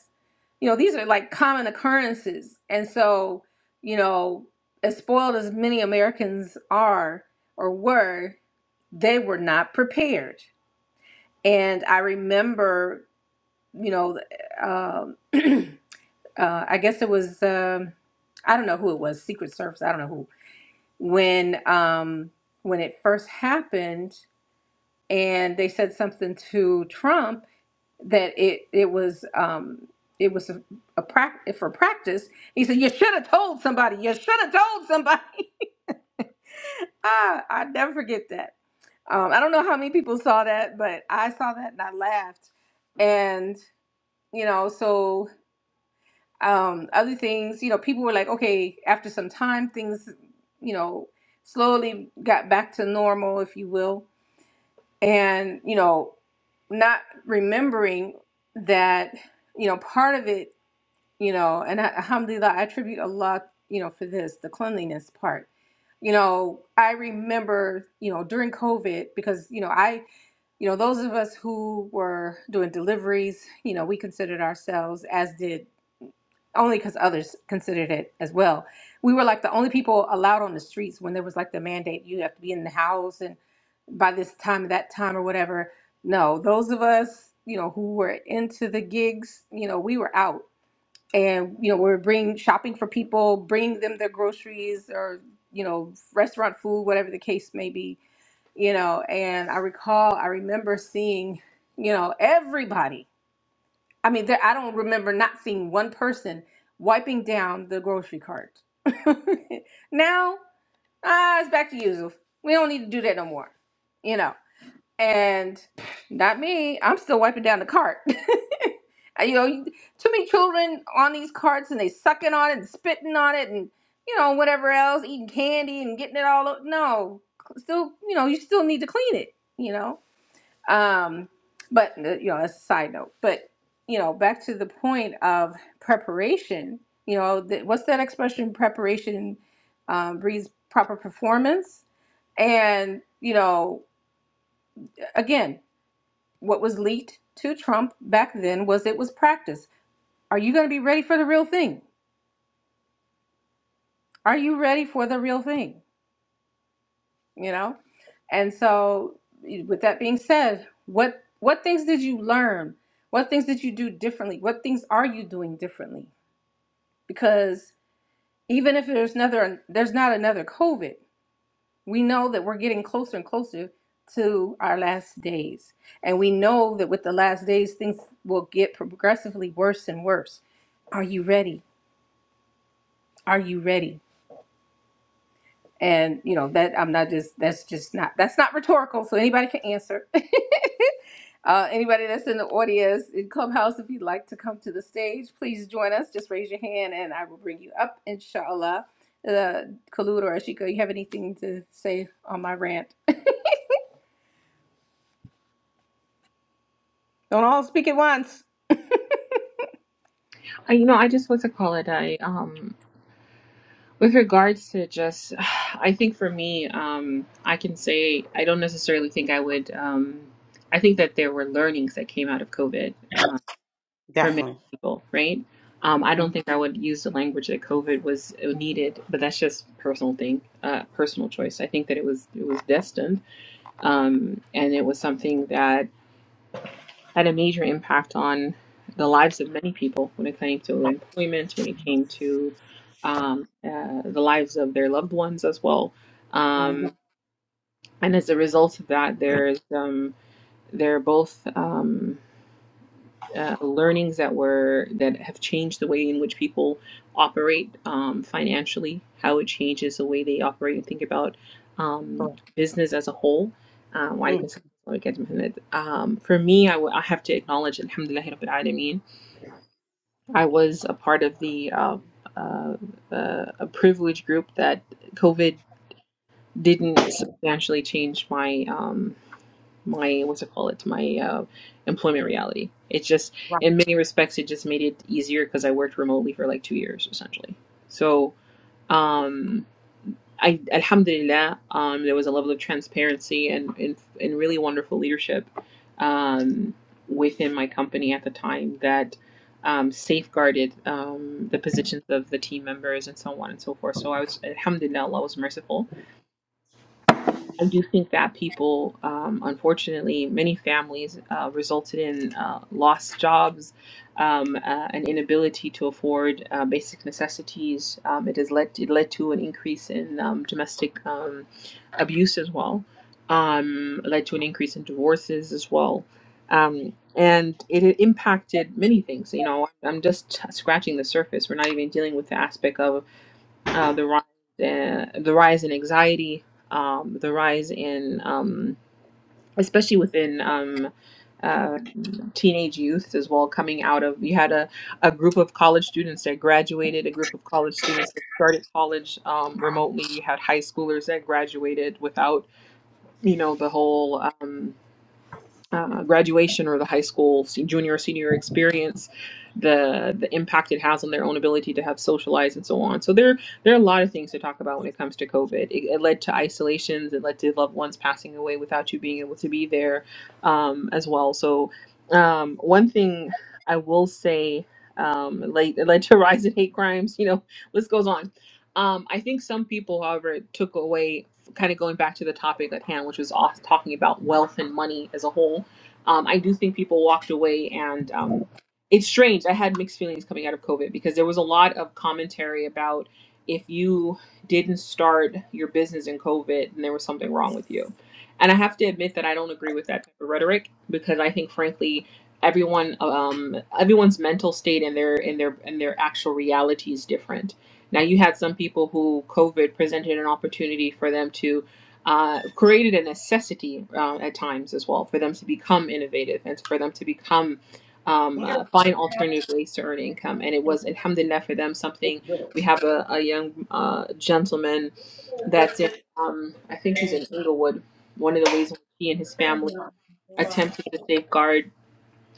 Speaker 1: you know, these are like common occurrences. And so, you know, as spoiled as many Americans are or were, they were not prepared. And I remember you know, um, uh, I guess it was um, I don't know who it was, Secret Service. I don't know who. When um, when it first happened, and they said something to Trump that it it was um, it was a, a practice for practice. He said, "You should have told somebody. You should have told somebody." ah, I never forget that. Um, I don't know how many people saw that, but I saw that and I laughed. And you know, so um, other things, you know, people were like, okay, after some time, things, you know, slowly got back to normal, if you will. And, you know, not remembering that, you know, part of it, you know, and I, alhamdulillah, I attribute a lot, you know, for this, the cleanliness part. You know, I remember, you know, during COVID, because, you know, I, you know, those of us who were doing deliveries, you know, we considered ourselves, as did only because others considered it as well. We were like the only people allowed on the streets when there was like the mandate you have to be in the house and by this time, that time, or whatever. No, those of us, you know, who were into the gigs, you know, we were out and, you know, we were bringing shopping for people, bringing them their groceries or, you know, restaurant food, whatever the case may be, you know. And I recall, I remember seeing, you know, everybody I mean, there, I don't remember not seeing one person wiping down the grocery cart. now, ah, it's back to usual. We don't need to do that no more, you know. And not me. I'm still wiping down the cart. you know, you- too many children on these carts and they sucking on it and spitting on it and you know whatever else, eating candy and getting it all. o- No, still, you know, you still need to clean it. You know um, but uh, you know, that's a side note. But you know, back to the point of preparation. You know, th- what's that expression? Preparation um, breeds proper performance. And you know, again, what was leaked to Trump back then was it was practice. Are you going to be ready for the real thing? Are you ready for the real thing? you know and so with that being said what what things did you learn what things did you do differently what things are you doing differently because even if there's another there's not another covid we know that we're getting closer and closer to our last days and we know that with the last days things will get progressively worse and worse are you ready are you ready and you know that i'm not just that's just not that's not rhetorical so anybody can answer Uh, anybody that's in the audience in Clubhouse, if you'd like to come to the stage, please join us. Just raise your hand and I will bring you up, inshallah. Uh, Kalud or Ashika, you have anything to say on my rant? Don't all speak at once.
Speaker 2: I, you know, I just want to call it. I um, with regards to just, I think for me, um, I can say I don't necessarily think I would. Um, I think that there were learnings that came out of COVID uh, for many
Speaker 3: Definitely.
Speaker 2: people, right? Um, I don't
Speaker 3: Mm-hmm.
Speaker 2: think I would use the language that COVID was uh, needed, but that's just personal thing, uh, personal choice. I think that it was it was destined, um, and it was something that had a major impact on the lives of many people when it came to employment, when it came to um, uh, the lives of their loved ones as well.
Speaker 3: Mm-hmm.
Speaker 2: Um, and as a result of that, there's um, there are both um, uh, learnings that were that have changed the way in which people operate um, financially, how it changes the way they operate and think about um,
Speaker 3: Correct.
Speaker 2: business as a whole. Um, why do you
Speaker 3: Mm,
Speaker 2: consider it? um, for me, I, w- I have to acknowledge, Alhamdulillah, Rabbil Alameen, I was a part of the um, uh, uh, a privileged group that COVID didn't substantially change my um, my what's it call it my uh, employment reality. It just
Speaker 3: right.
Speaker 2: in many respects it just made it easier because I worked remotely for like two years essentially. So um, I alhamdulillah, um, there was a level of transparency and and, and really wonderful leadership um, within my company at the time that um, safeguarded um, the positions of the team members and so on and so forth. So I was alhamdulillah, Allah was merciful I do think that people, um, unfortunately, many families uh, resulted in uh, lost jobs, um, uh, an inability to afford uh, basic necessities. Um, it has led it led to an increase in um, domestic um, abuse as well. Um, led to an increase in divorces as well. Um, and it had impacted many things. You know, I'm just scratching the surface. We're not even dealing with the aspect of uh, the rise in, the rise in anxiety, um, the rise in um, especially within um, uh, teenage youth as well. Coming out of you had a, a group of college students that graduated, a group of college students that started college um, remotely. You had high schoolers that graduated without you know the whole. Um, uh, graduation or the high school junior or senior experience, the the impact it has on their own ability to have socialized and so on. So there there are a lot of things to talk about when it comes to COVID. It, it led to isolations. It led to loved ones passing away without you being able to be there um, as well. So um, one thing I will say. Um, it led, it led to a rise in hate crimes, you know, list goes on. Um, I think some people, however, took away kind of going back to the topic at hand, which was off talking about wealth and money as a whole um, I do think people walked away and um, it's strange. I had mixed feelings coming out of COVID because there was a lot of commentary about if you didn't start your business in COVID, then there was something wrong with you. And I have to admit that I don't agree with that type of rhetoric because I think, frankly, everyone um, everyone's mental state and their and their and their actual reality is different. Now you had some people who COVID presented an opportunity for them to uh, created a necessity uh, at times as well for them to become innovative and for them to become um,
Speaker 3: Yeah.
Speaker 2: uh, find alternative ways to earn income. And it was, alhamdulillah, for them something. We have a, a young uh, gentleman that's in, um, I think he's in Inglewood. One of the ways in which he and his family attempted to safeguard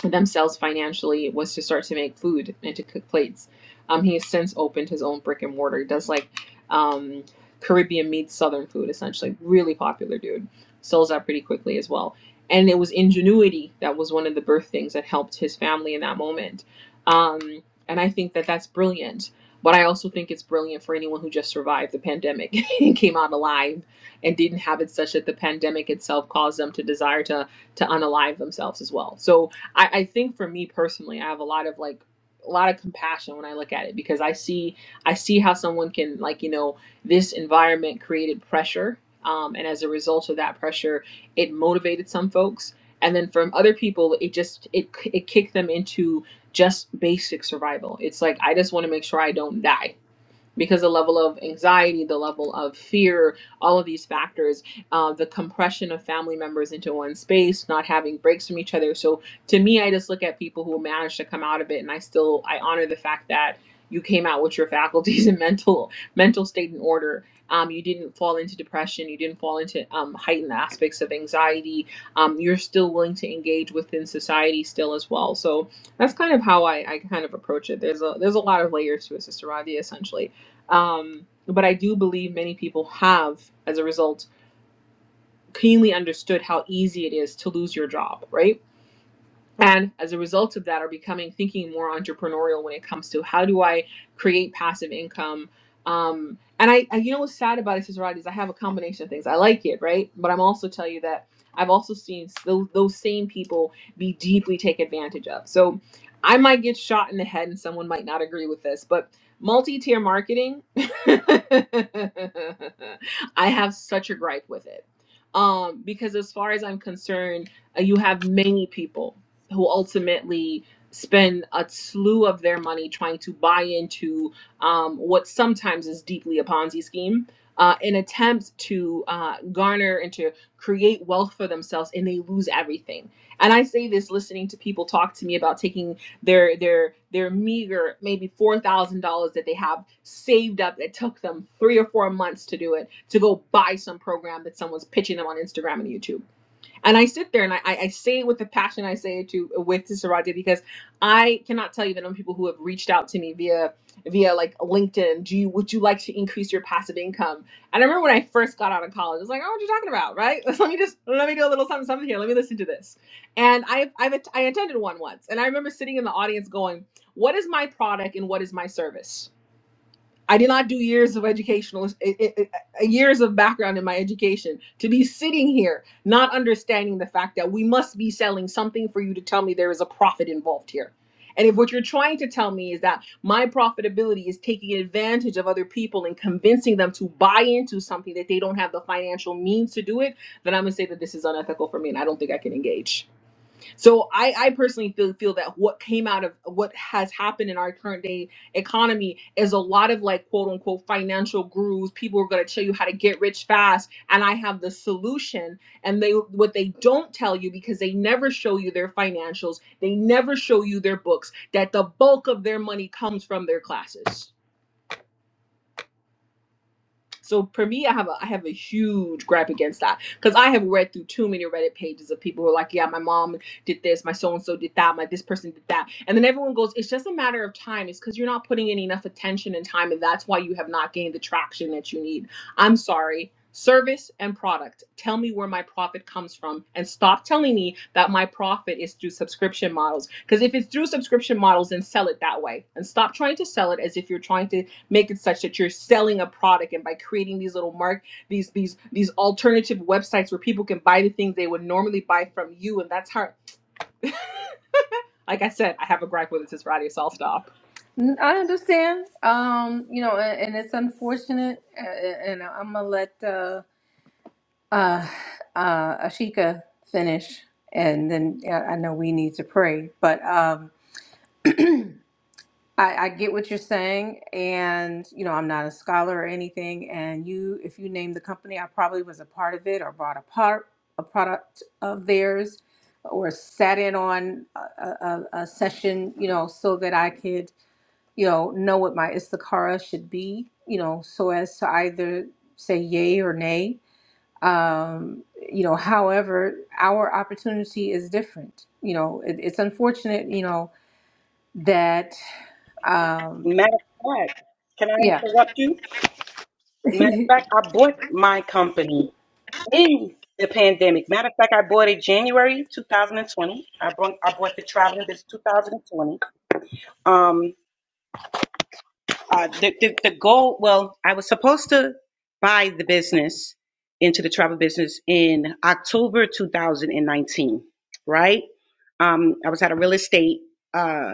Speaker 2: themselves financially was to start to make food and to cook plates. Um, he has since opened his own brick and mortar. He does like um, Caribbean meets Southern food, essentially. Really popular dude. Sells out pretty quickly as well. And it was ingenuity that was one of the birth things that helped his family in that moment. Um, and I think that that's brilliant. But I also think it's brilliant for anyone who just survived the pandemic and came out alive and didn't have it such that the pandemic itself caused them to desire to to unalive themselves as well. So I, I think for me personally, I have a lot of like a lot of compassion when I look at it because I see I see how someone can like you know this environment created pressure, um, and as a result of that pressure, it motivated some folks, and then from other people, it just it it kicked them into just basic survival. It's like I just want to make sure I don't die because the level of anxiety, the level of fear, all of these factors, uh, the compression of family members into one space, not having breaks from each other. So to me, I just look at people who manage to come out of it, and I still I honor the fact that you came out with your faculties and mental mental state in order. Um, you didn't fall into depression. You didn't fall into um, heightened aspects of anxiety. Um, you're still willing to engage within society still as well. So that's kind of how I, I kind of approach it. There's a there's a lot of layers to it, Sister Radia, essentially. Um, but I do believe many people have, as a result, keenly understood how easy it is to lose your job, right? and as a result of that are becoming thinking more entrepreneurial when it comes to how do i create passive income um, and I, I you know what's sad about it is right is i have a combination of things i like it right but i'm also tell you that i've also seen those, those same people be deeply taken advantage of so i might get shot in the head and someone might not agree with this but multi-tier marketing i have such a gripe with it um, because as far as i'm concerned uh, you have many people who ultimately spend a slew of their money trying to buy into um, what sometimes is deeply a Ponzi scheme, uh, an attempt to uh, garner and to create wealth for themselves, and they lose everything. And I say this listening to people talk to me about taking their their their meager maybe four thousand dollars that they have saved up that took them three or four months to do it to go buy some program that someone's pitching them on Instagram and YouTube and I sit there and I, I I say it with the passion I say it to with to Saraje because I cannot tell you the number of people who have reached out to me via via like LinkedIn. Do you would you like to increase your passive income? And I remember when I first got out of college, I was like, oh, what are you talking about, right? let me just let me do a little something something here. Let me listen to this. And I I've, I attended one once, and I remember sitting in the audience going, what is my product and what is my service? I did not do years of educational eh, eh, eh, eh, years of background in my education to be sitting here not understanding the fact that we must be selling something for you to tell me there is a profit involved here. And if what you're trying to tell me is that my profitability is taking advantage of other people and convincing them to buy into something that they don't have the financial means to do it, then I'm going to say that this is unethical for me and I don't think I can engage. So I, I personally feel feel that what came out of what has happened in our current day economy is a lot of like quote unquote financial gurus. People are going to tell you how to get rich fast, and I have the solution. And they what they don't tell you because they never show you their financials, they never show you their books. That the bulk of their money comes from their classes so for me, I have a I have a huge gripe against that because I have read through too many Reddit pages of people who are like, yeah, my mom did this, my so and so did that, my this person did that, and then everyone goes, it's just a matter of time. It's because you're not putting in enough attention and time, and that's why you have not gained the traction that you need. I'm sorry. Service and product. Tell me where my profit comes from and stop telling me that my profit is through subscription models. Because if it's through subscription models, then sell it that way and stop trying to sell it as if you're trying to make it such that you're selling a product and by creating these little mark these these these alternative websites where people can buy the things they would normally buy from you and that's how like i said i have a gripe with it since friday so i'll stop
Speaker 1: N- I understand. Um, you know, and, and it's unfortunate. uh, And I'm gonna let uh, uh, uh, Ashika finish, and then yeah, I know we need to pray. But um, I, I get what you're saying, and you know, I'm not a scholar or anything. And you, if you name the company, I probably was a part of it or bought a part, a product of theirs, or sat in on a, a, a session, you know, so that I could, you know, know what my Istakara should be, you know, so as to either say yay or nay. Um, you know, however, our opportunity is different. You know, it, it's unfortunate, you know, that. Um,
Speaker 3: Matter of fact, can I
Speaker 1: yeah.
Speaker 3: interrupt you? Matter of fact, I bought my company in the pandemic. Matter of fact, I bought it January 2020. I brought I bought the traveling this 2020. Um, uh, the, the the goal. Well, I was supposed to buy the business into the travel business in October 2019. Right. Um, I was at a real estate. Uh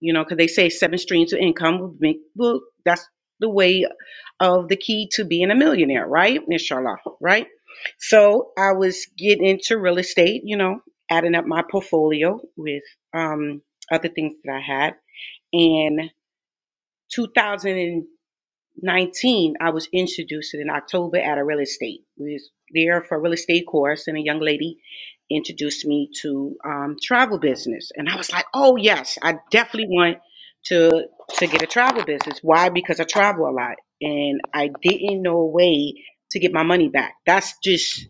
Speaker 3: you know, because they say seven streams of income will make, well, that's the way of the key to being a millionaire, right? Inshallah, right? So I was getting into real estate, you know, adding up my portfolio with um, other things that I had. And 2010 19, I was introduced in October at a real estate. We was there for a real estate course, and a young lady introduced me to um, travel business, and I was like, "Oh yes, I definitely want to to get a travel business." Why? Because I travel a lot, and I didn't know a way to get my money back. That's just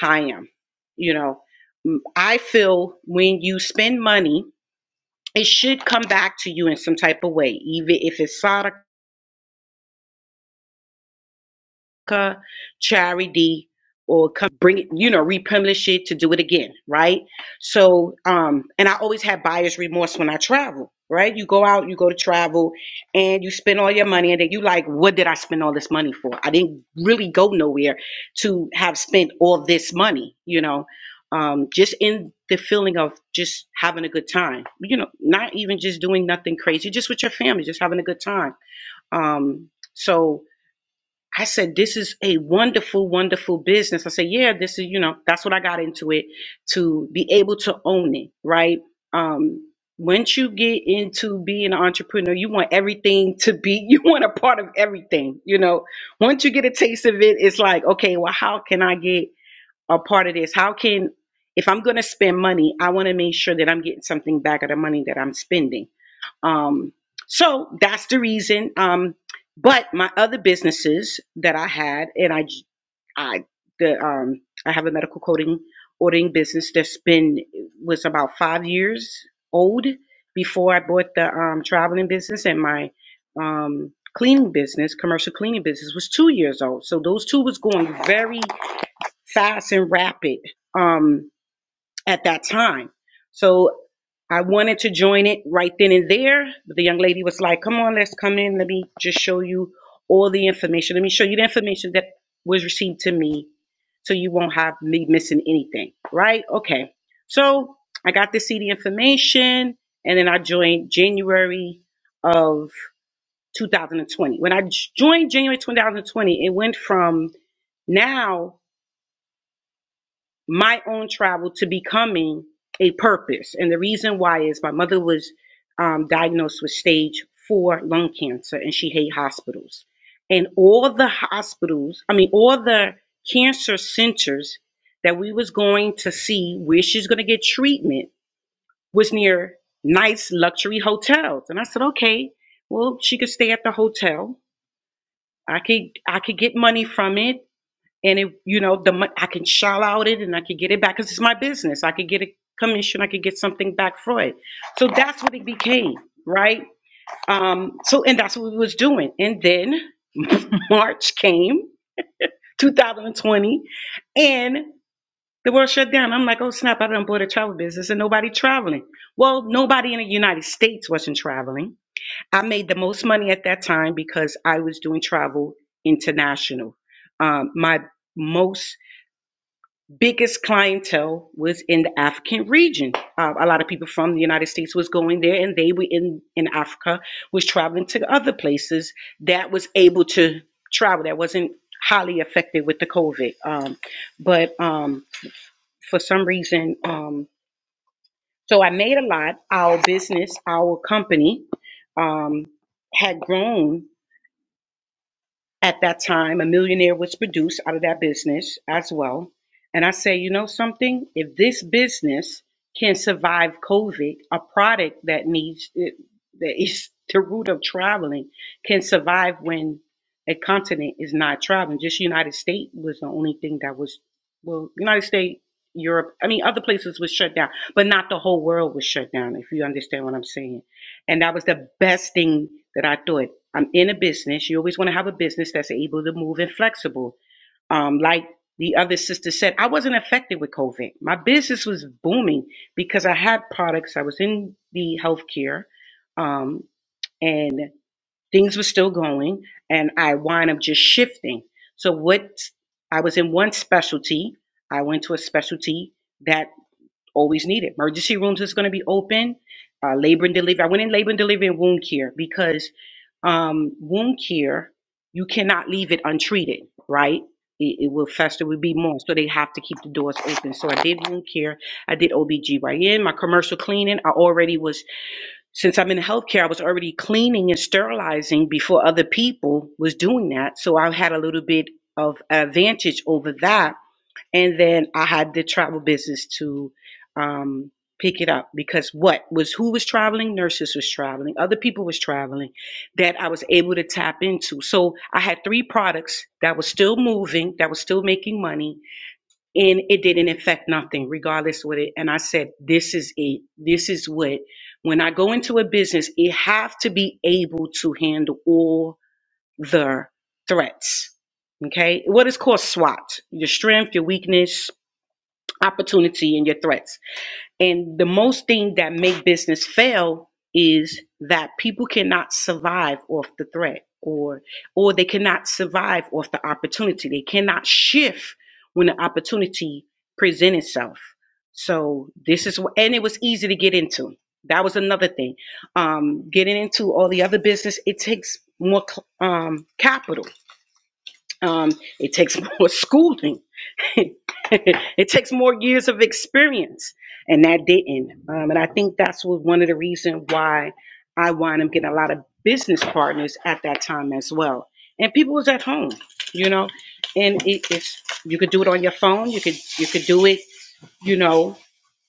Speaker 3: how I am, you know. Mm, I feel when you spend money, it should come back to you in some type of way, even if it's uh, charity or come bring it, you know, republish it to do it again, right? So, um, and I always have buyer's remorse when I travel, right? You go out, you go to travel, and you spend all your money, and then you like, what did I spend all this money for? I didn't really go nowhere to have spent all this money, you know. Um, just in the feeling of just having a good time, you know, not even just doing nothing crazy, just with your family, just having a good time. Um, so I said, this is a wonderful, wonderful business. I said, yeah, this is, you know, that's what I got into it to be able to own it, right? Um, once you get into being an entrepreneur, you want everything to be, you want a part of everything, you know. Once you get a taste of it, it's like, okay, well, how can I get a part of this. How can if I'm going to spend money, I want to make sure that I'm getting something back of the money that I'm spending. Um, so that's the reason. Um, but my other businesses that I had, and I, I, the, um, I have a medical coding ordering business that's been was about five years old before I bought the um, traveling business, and my um, cleaning business, commercial cleaning business, was two years old. So those two was going very fast and rapid um, at that time. So I wanted to join it right then and there, but the young lady was like, "Come on, let's come in. Let me just show you all the information. Let me show you the information that was received to me, so you won't have me missing anything." Right? Okay. So I got to see the information, and then I joined January of 2020. When I j- joined January 2020, it went from now my own travel to becoming a purpose. And the reason why is my mother was um, diagnosed with stage four lung cancer and she hated hospitals. And all the hospitals, I mean, all the cancer centers that we was going to see where she's going to get treatment was near nice luxury hotels. And I said, okay, well, she could stay at the hotel. I could I could get money from it and it, you know, the mon- I can shell out it and I could get it back because it's my business. I could get a commission. I could get something back for it. So that's what it became, right? Um, so and that's what we was doing. And then March came, 2020, and the world shut down. I'm like, oh snap! I done bought a travel business and nobody traveling. Well, nobody in the United States wasn't traveling. I made the most money at that time because I was doing travel international. Um, my most biggest clientele was in the African region. Uh, a lot of people from the United States was going there, and they were in in Africa, was traveling to other places that was able to travel that wasn't highly affected with the COVID. Um, but um, for some reason, um, so I made a lot. Our business, our company, um, had grown At that time, A Millionaire was produced out of that business as well. And I say, you know something? If this business can survive COVID, a product that needs eh, that is the root of traveling can survive when a continent is not traveling. Just United States was the only thing that was well, United States, Europe. I mean, other places was shut down, but not the whole world was shut down. If you understand what I'm saying. And that was the best thing that I thought. I'm in a business. You always want to have a business that's able to move and flexible. Um, like the other sister said, I wasn't affected with COVID. My business was booming because I had products. I was in the healthcare, um, and things were still going. And I wind up just shifting. So what I was in one specialty, I went to a specialty that always needed. Emergency rooms is going to be open. Uh, labor and delivery. I went in labor and delivery and wound care because um, wound care, you cannot leave it untreated, right? It, it will fester, will be more. So they have to keep the doors open. So I did wound care. I did OBGYN. My commercial cleaning, I already was, since I'm in healthcare, I was already cleaning and sterilizing before other people was doing that. So I had a little bit of advantage over that and then I had the travel business to um, pick it up because what was who was traveling? Nurses was traveling, other people was traveling that I was able to tap into. So I had three products that was still moving, that was still making money, and it didn't affect nothing, regardless what it. And I said, this is it. This is what when I go into a business, it have to be able to handle all the threats. Okay, what is called SWOT: your strength, your weakness, opportunity and your threats. And the most thing that make business fail is that people cannot survive off the threat or or they cannot survive off the opportunity. They cannot shift when the opportunity present itself. So this is what and it was easy to get into. That was another thing. Um, getting into all the other business, it takes more cl- um, capital. Um, it takes more schooling it takes more years of experience, and that didn't. Um, and I think that's was one of the reason why I wound up getting a lot of business partners at that time as well. And people was at home, you know, and it, it's you could do it on your phone, you could you could do it, you know,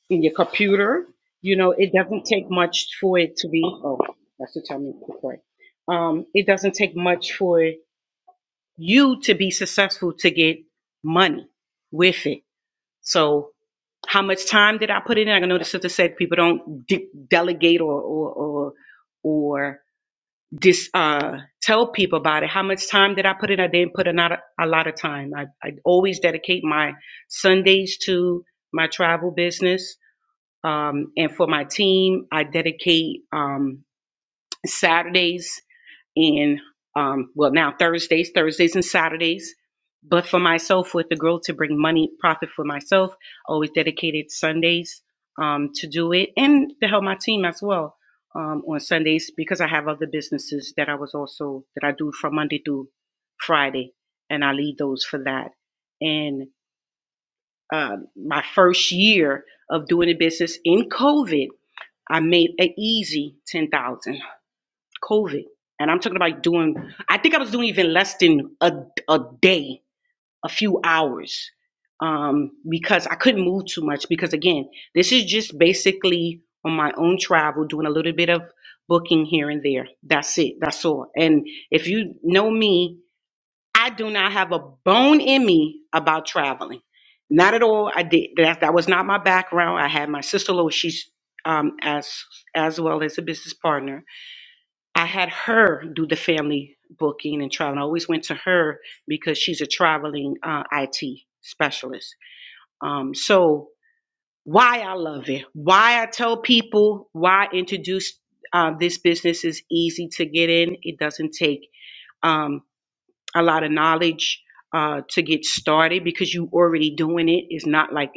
Speaker 3: in your computer. You know, it doesn't take much for it to be. Oh, that's the time to play. Um, it doesn't take much for you to be successful to get money with it so how much time did I put in? I know the sister said people don't de- delegate or or or or dis, uh, tell people about it. How much time did I put in? I didn't put in a, a lot of time. I, I always dedicate my Sundays to my travel business. Um, and for my team, I dedicate um, Saturdays and um, well now Thursdays, Thursdays and Saturdays. But for myself, with the goal to bring money profit for myself, always dedicated Sundays um, to do it and to help my team as well um, on Sundays because I have other businesses that I was also that I do from Monday through Friday, and I leave those for that. And um my first year of doing the business in COVID, I made an easy ten thousand COVID. And I'm talking about doing, I think I was doing even less than a, a day, a few hours, um, because I couldn't move too much. Because again, this is just basically on my own travel, doing a little bit of booking here and there. That's it. That's all. And if you know me, I do not have a bone in me about traveling. Not at all. I did that. That was not my background. I had my sister, Lois, she's um, as as well as a business partner I had her do the family booking and travel. I always went to her because she's a traveling uh, IT specialist. Um, so why I love it, why I tell people, why I introduce uh, this business is easy to get in. It doesn't take um, a lot of knowledge uh, to get started because you already doing it. It's not like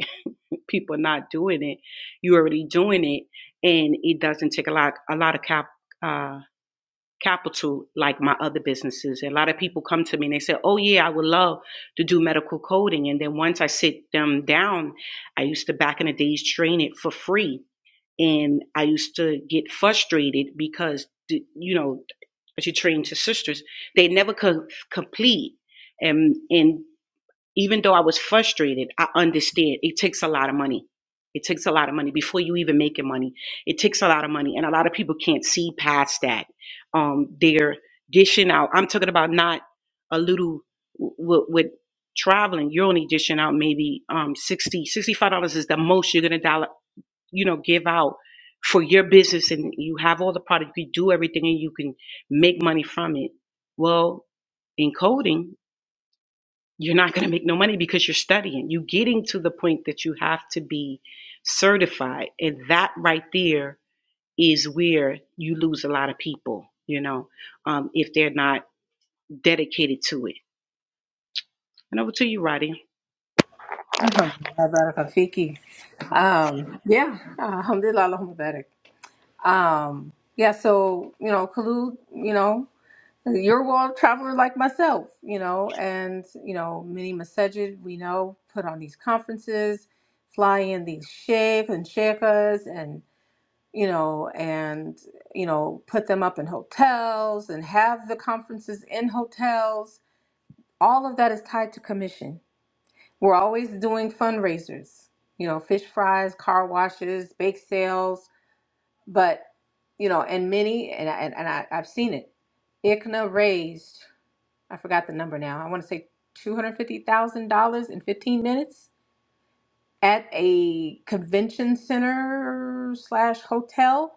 Speaker 3: people not doing it. You already doing it, and it doesn't take a lot a lot of cap. Uh, capital like my other businesses. A lot of people come to me and they say, Oh, yeah, I would love to do medical coding. And then once I sit them down, I used to back in the days train it for free. And I used to get frustrated because, you know, as you train to sisters, they never could complete. And, and even though I was frustrated, I understand it takes a lot of money. It takes a lot of money before you even making money. It takes a lot of money, and a lot of people can't see past that. Um, they're dishing out. I'm talking about not a little with, with traveling. You're only dishing out maybe um, 60 sixty-five dollars is the most you're gonna dollar, you know, give out for your business, and you have all the product. You do everything, and you can make money from it. Well, in coding you're not going to make no money because you're studying. You're getting to the point that you have to be certified. And that right there is where you lose a lot of people, you know, um, if they're not dedicated to it. And over to you, Roddy.
Speaker 1: Mubarak Afiki. Um, yeah, uh, alhamdulillah, Allahumma barak. Um, yeah, so, you know, Khalud, you know, you're a world traveler like myself, you know, and, you know, many masajid, we know, put on these conferences, fly in these sheikhs and sheikhas and, you know, and, you know, put them up in hotels and have the conferences in hotels. All of that is tied to commission We're always doing fundraisers, you know, fish fries, car washes, bake sales, but you know, and many, and I, and and I, I've seen it. ICNA raised, I forgot the number now. I want to say two hundred fifty thousand dollars in fifteen minutes at a convention center slash hotel.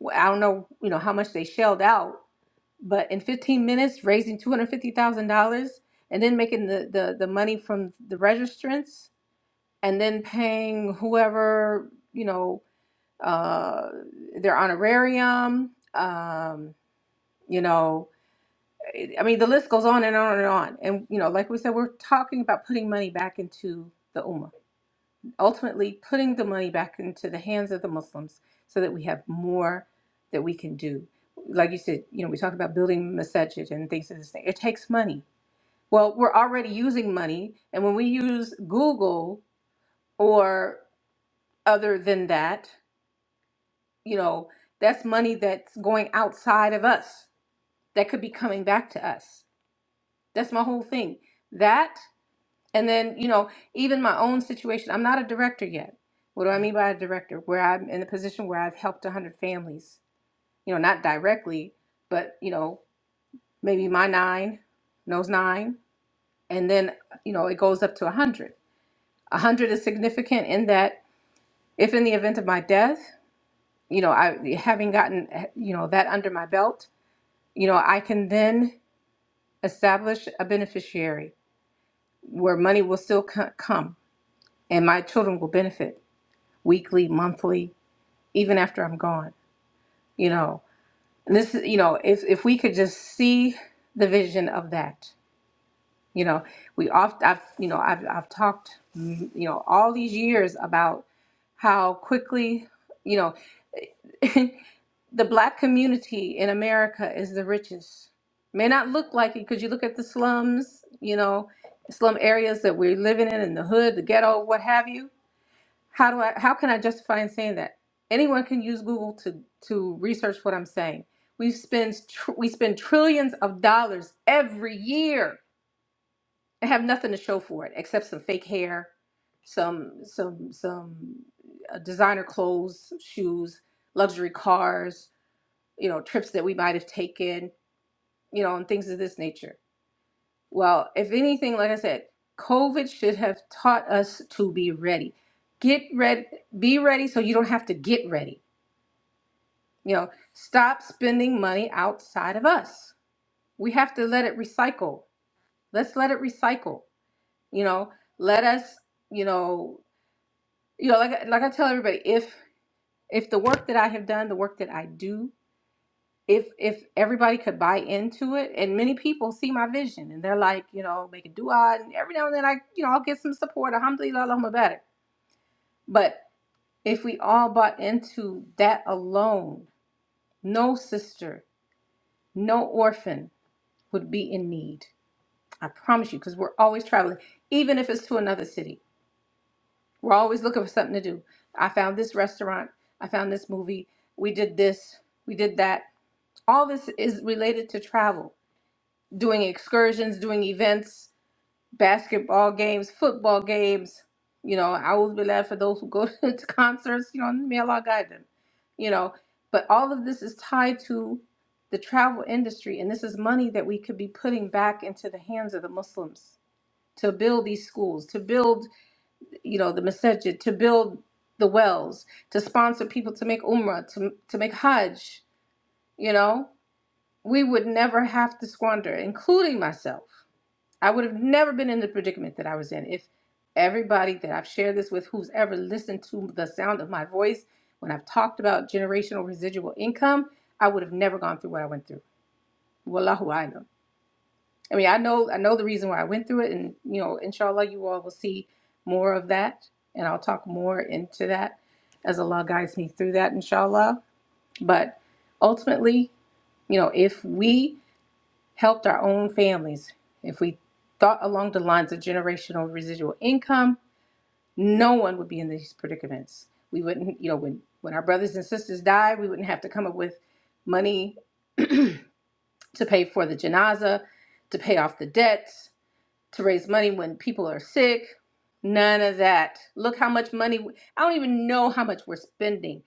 Speaker 1: Well, I don't know, you know, how much they shelled out, but in fifteen minutes, raising two hundred fifty thousand dollars and then making the, the the money from the registrants and then paying whoever you know uh, their honorarium. Um, you know, I mean, the list goes on and on and on. And you know, like we said, we're talking about putting money back into the ummah, ultimately putting the money back into the hands of the Muslims, so that we have more that we can do. Like you said, you know, we talk about building masajid and things of this thing. It takes money. Well, we're already using money, and when we use Google or other than that you know that's money that's going outside of us that could be coming back to us that's my whole thing that and then you know even my own situation i'm not a director yet what do i mean by a director where i'm in a position where i've helped 100 families you know not directly but you know maybe my nine knows nine and then you know it goes up to 100 A 100 is significant in that if in the event of my death you know i having gotten eh, you know that under my belt you know, I can then establish a beneficiary where money will still co- come and my children will benefit weekly, monthly, even after I'm gone. You know, And this is, you know, if, if we could just see the vision of that, you know, we oft, I've, you know, I've, I've talked, mm, you know, all these years about how quickly, you know. the black community in America is the richest. May not look like it because you look at the slums, you know, slum areas that we're living in, in the hood, the ghetto, what have you. How do I? How can I justify in saying that? Anyone can use Google to to research what I'm saying. We spend tr- we spend trillions of dollars every year and have nothing to show for it except some fake hair, some some some uh, designer clothes, shoes, luxury cars, you know, trips that we might have taken, you know, and things of this nature. Well, if anything, like I said, COVID should have taught us to be ready. Get ready, be ready so you don't have to get ready. You know, stop spending money outside of us. We have to let it recycle. Let's let it recycle. You know, let us, you know, you know, like like I tell everybody, if if the work that I have done, the work that I do if if everybody could buy into it and many people see my vision and they're like you know make a dua and every now and then i you know i'll get some support alhamdulillah allahumma barak but if we all bought into that alone no sister no orphan would be in need i promise you because we're always traveling even if it's to another city we're always looking for something to do i found this restaurant i found this movie we did this we did that all this is related to travel doing excursions, doing events, basketball games, football games. You know, I always be glad for those who go to concerts. You know, may Allah guide them. You know, but all of this is tied to the travel industry, and this is money that we could be putting back into the hands of the Muslims to build these schools, to build, you know, the masajid, to build the wells, to sponsor people to make umrah, to to make hajj. You know, we would never have to squander, including myself I would have never been in the predicament that I was in if everybody that I've shared this with, who's ever listened to the sound of my voice, when I've talked about generational residual income, I would have never gone through what I went through. Wallahu alam. I mean, I know I know the reason why I went through it, and you know, inshallah, you all will see more of that, and I'll talk more into that as Allah guides me through that, inshallah. But ultimately, you know, if we helped our own families. If we thought along the lines of generational residual income, no one would be in these predicaments. We wouldn't, you know, when, when our brothers and sisters died, we wouldn't have to come up with money to pay for the janaza, to pay off the debts, to raise money when people are sick. None of that. Look how much money, I don't even know how much we're spending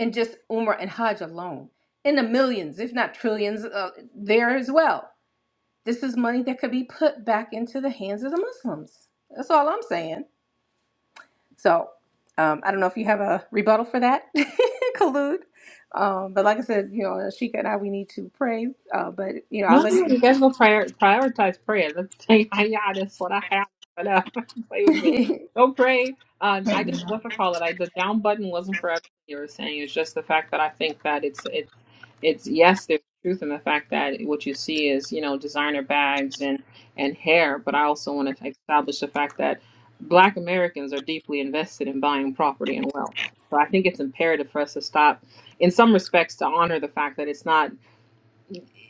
Speaker 1: in just Umrah and Hajj alone, in the millions, if not trillions, uh, there as well This is money that could be put back into the hands of the Muslims. That's all I'm saying. So um, I don't know if you have a rebuttal for that, Khalud. Um, but like I said, you know, Sheikha and I, we need to pray. Uh, but, you know, I'll
Speaker 2: No,
Speaker 1: let
Speaker 2: no,
Speaker 1: you.
Speaker 2: you guys go prior- prioritize prayer. Let's say, I yeah, that's what I have. But uh, play with me. Go pray. Um, I just what to call it. I the down button wasn't for everything you were saying. It's just the fact that I think that it's it's it's yes, there's truth in the fact that what you see is you know designer bags and and hair. But I also want to establish the fact that Black Americans are deeply invested in buying property and wealth. So I think it's imperative for us to stop, in some respects, to honor the fact that it's not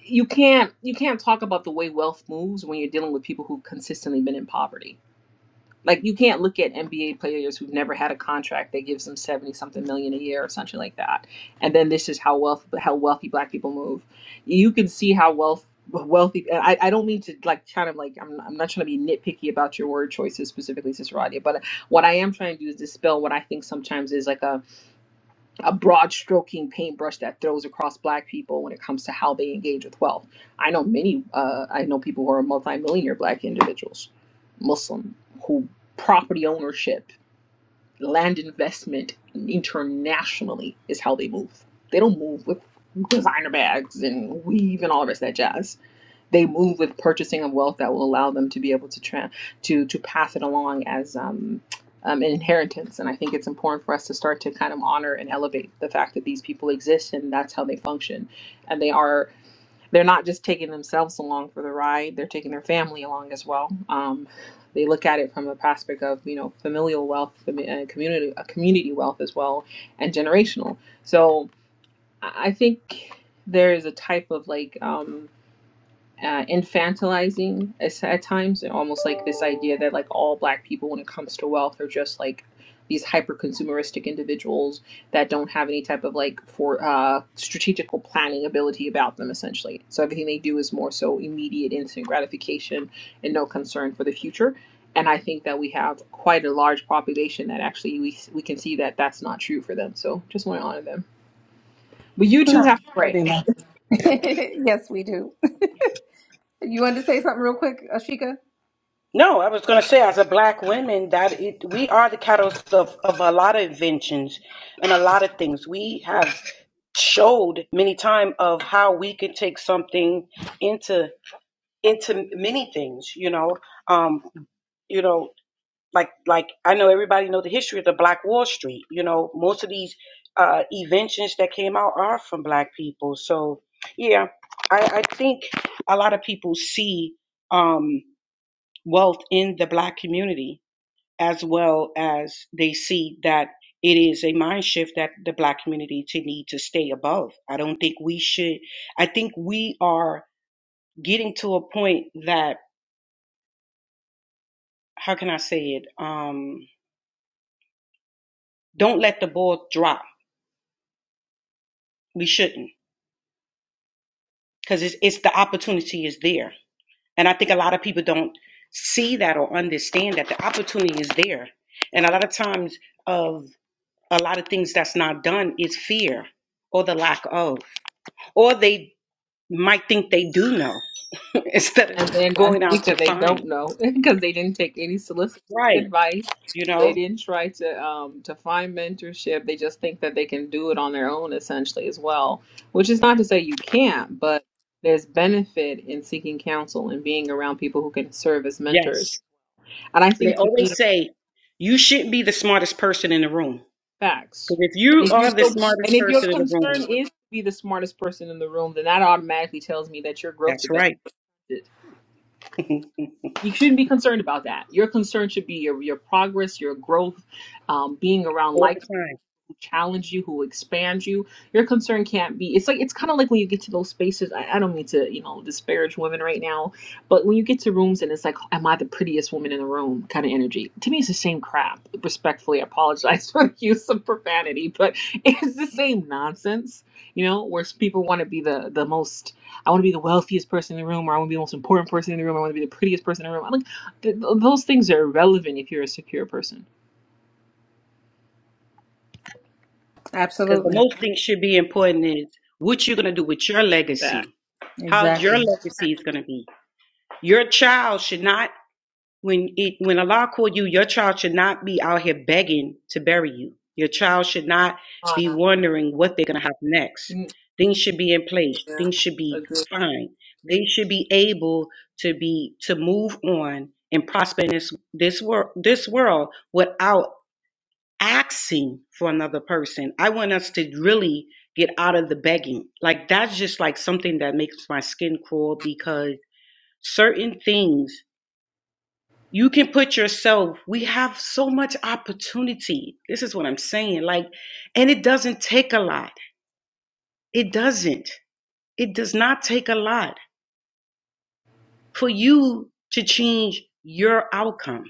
Speaker 2: you can't you can't talk about the way wealth moves when you're dealing with people who've consistently been in poverty. Like you can't look at NBA players who've never had a contract that gives them seventy something million a year or something like that, and then this is how wealth how wealthy black people move. You can see how wealth wealthy. and I, I don't mean to like kind of like I'm I'm not trying to be nitpicky about your word choices specifically, Cicerati, but what I am trying to do is dispel what I think sometimes is like a a broad stroking paintbrush that throws across black people when it comes to how they engage with wealth. I know many, uh, I know people who are multimillionaire black individuals, Muslim, who property ownership, land investment internationally is how they move. They don't move with designer bags and weave and all the rest of that jazz they move with purchasing of wealth that will allow them to be able to tra- to to pass it along as um, um, an inheritance. And I think it's important for us to start to kind of honor and elevate the fact that these people exist and that's how they function. And they are they're not just taking themselves along for the ride; they're taking their family along as well. Um, they look at it from a prospect of you know familial wealth, fami- uh, community uh, community wealth as well, and generational. So I I think there is a type of like. Um, uh, infantilizing at times, and almost like this idea that like all black people, when it comes to wealth, are just like these hyper consumeristic individuals that don't have any type of like for uh, strategical planning ability about them, essentially. So everything they do is more so immediate, instant gratification, and no concern for the future. And I think that we have quite a large population that actually we we can see that that's not true for them. So just want to honor them. But you
Speaker 1: no,
Speaker 2: two have to
Speaker 1: don't
Speaker 2: pray.
Speaker 1: do that. yes, we do. You wanted to say something real quick, Ashika?
Speaker 3: No, I was going to say, as a black woman, that it, we are the catalyst of, of a lot of inventions and a lot of things. We have showed many times of how we can take something into into many things. You know, um, you know. like like I know everybody know the history of the Black Wall Street. You know, most of these uh, inventions that came out are from Black people. So yeah, I, I think a lot of people see um, wealth in the Black community as well as they see that it is a mind shift that the Black community to need to stay above. I don't think we should. I think we are getting to a point that how can I say it? Um, don't let the ball drop. We shouldn't. because it's, it's the opportunity is there and i think a lot of people don't see that or understand that the opportunity is there and a lot of times of a lot of things that's not done is fear or the lack of or they might think they do know instead
Speaker 2: And
Speaker 3: of
Speaker 2: then I
Speaker 3: going out
Speaker 2: think
Speaker 3: to
Speaker 2: that they
Speaker 3: find
Speaker 2: don't know because they didn't take any soliciting
Speaker 3: right
Speaker 2: advice.
Speaker 3: you know
Speaker 2: They didn't try to um, to find mentorship. They just think that they can do it on their own, essentially, as well. Which is not to say you can't, but there's benefit in seeking counsel and being around people who can serve as mentors.
Speaker 3: yes
Speaker 2: And I
Speaker 3: they
Speaker 2: think to me,
Speaker 3: always say you shouldn't be the smartest person in the room
Speaker 2: facts.
Speaker 3: because if
Speaker 2: And
Speaker 3: you
Speaker 2: if you're
Speaker 3: are the
Speaker 2: so,
Speaker 3: smartest
Speaker 2: and if your
Speaker 3: person in the room
Speaker 2: concern is to be the smartest person in the room, then that automatically tells me that your growth
Speaker 3: that's
Speaker 2: development
Speaker 3: right
Speaker 2: you shouldn't be concerned about that. Your concern should be your your progress, your growth, um, being around
Speaker 3: all
Speaker 2: like
Speaker 3: the time
Speaker 2: who challenge you, who expand you. Your concern can't be. It's like it's kind of like when you get to those spaces. I, I don't mean to, you know, disparage women right now, but when you get to rooms and it's like, "Am I the prettiest woman in the room?" kind of energy. To me, it's the same crap. Respectfully, I apologize for the use of profanity, but it's the same nonsense. You know, where people want to be the the most. I want to be the wealthiest person in the room, or I want to be the most important person in the room. I want to be the prettiest person in the room. I'm like, th- th- those things are irrelevant if you're a secure person.
Speaker 3: Because the
Speaker 1: Absolutely.
Speaker 3: most thing should be important is what you're going to do with your legacy.
Speaker 2: Back.
Speaker 3: How your
Speaker 1: Exactly.
Speaker 3: legacy is going to be. Your child should not, when it, when Allah called you, your child should not be out here begging to bury you. Your child should not be wondering what they're going to have next. Things should be in place.
Speaker 2: Yeah.
Speaker 3: Things should be
Speaker 2: Agree.
Speaker 3: fine. They should be able to be to move on and prosper in this this world this world without asking for another person. I want us to really get out of the begging. Like that's just like something that makes my skin crawl because certain things you can put yourself, we have so much opportunity. This is what I'm saying. Like, and it doesn't take a lot. It doesn't. It does not take a lot for you to change your outcome.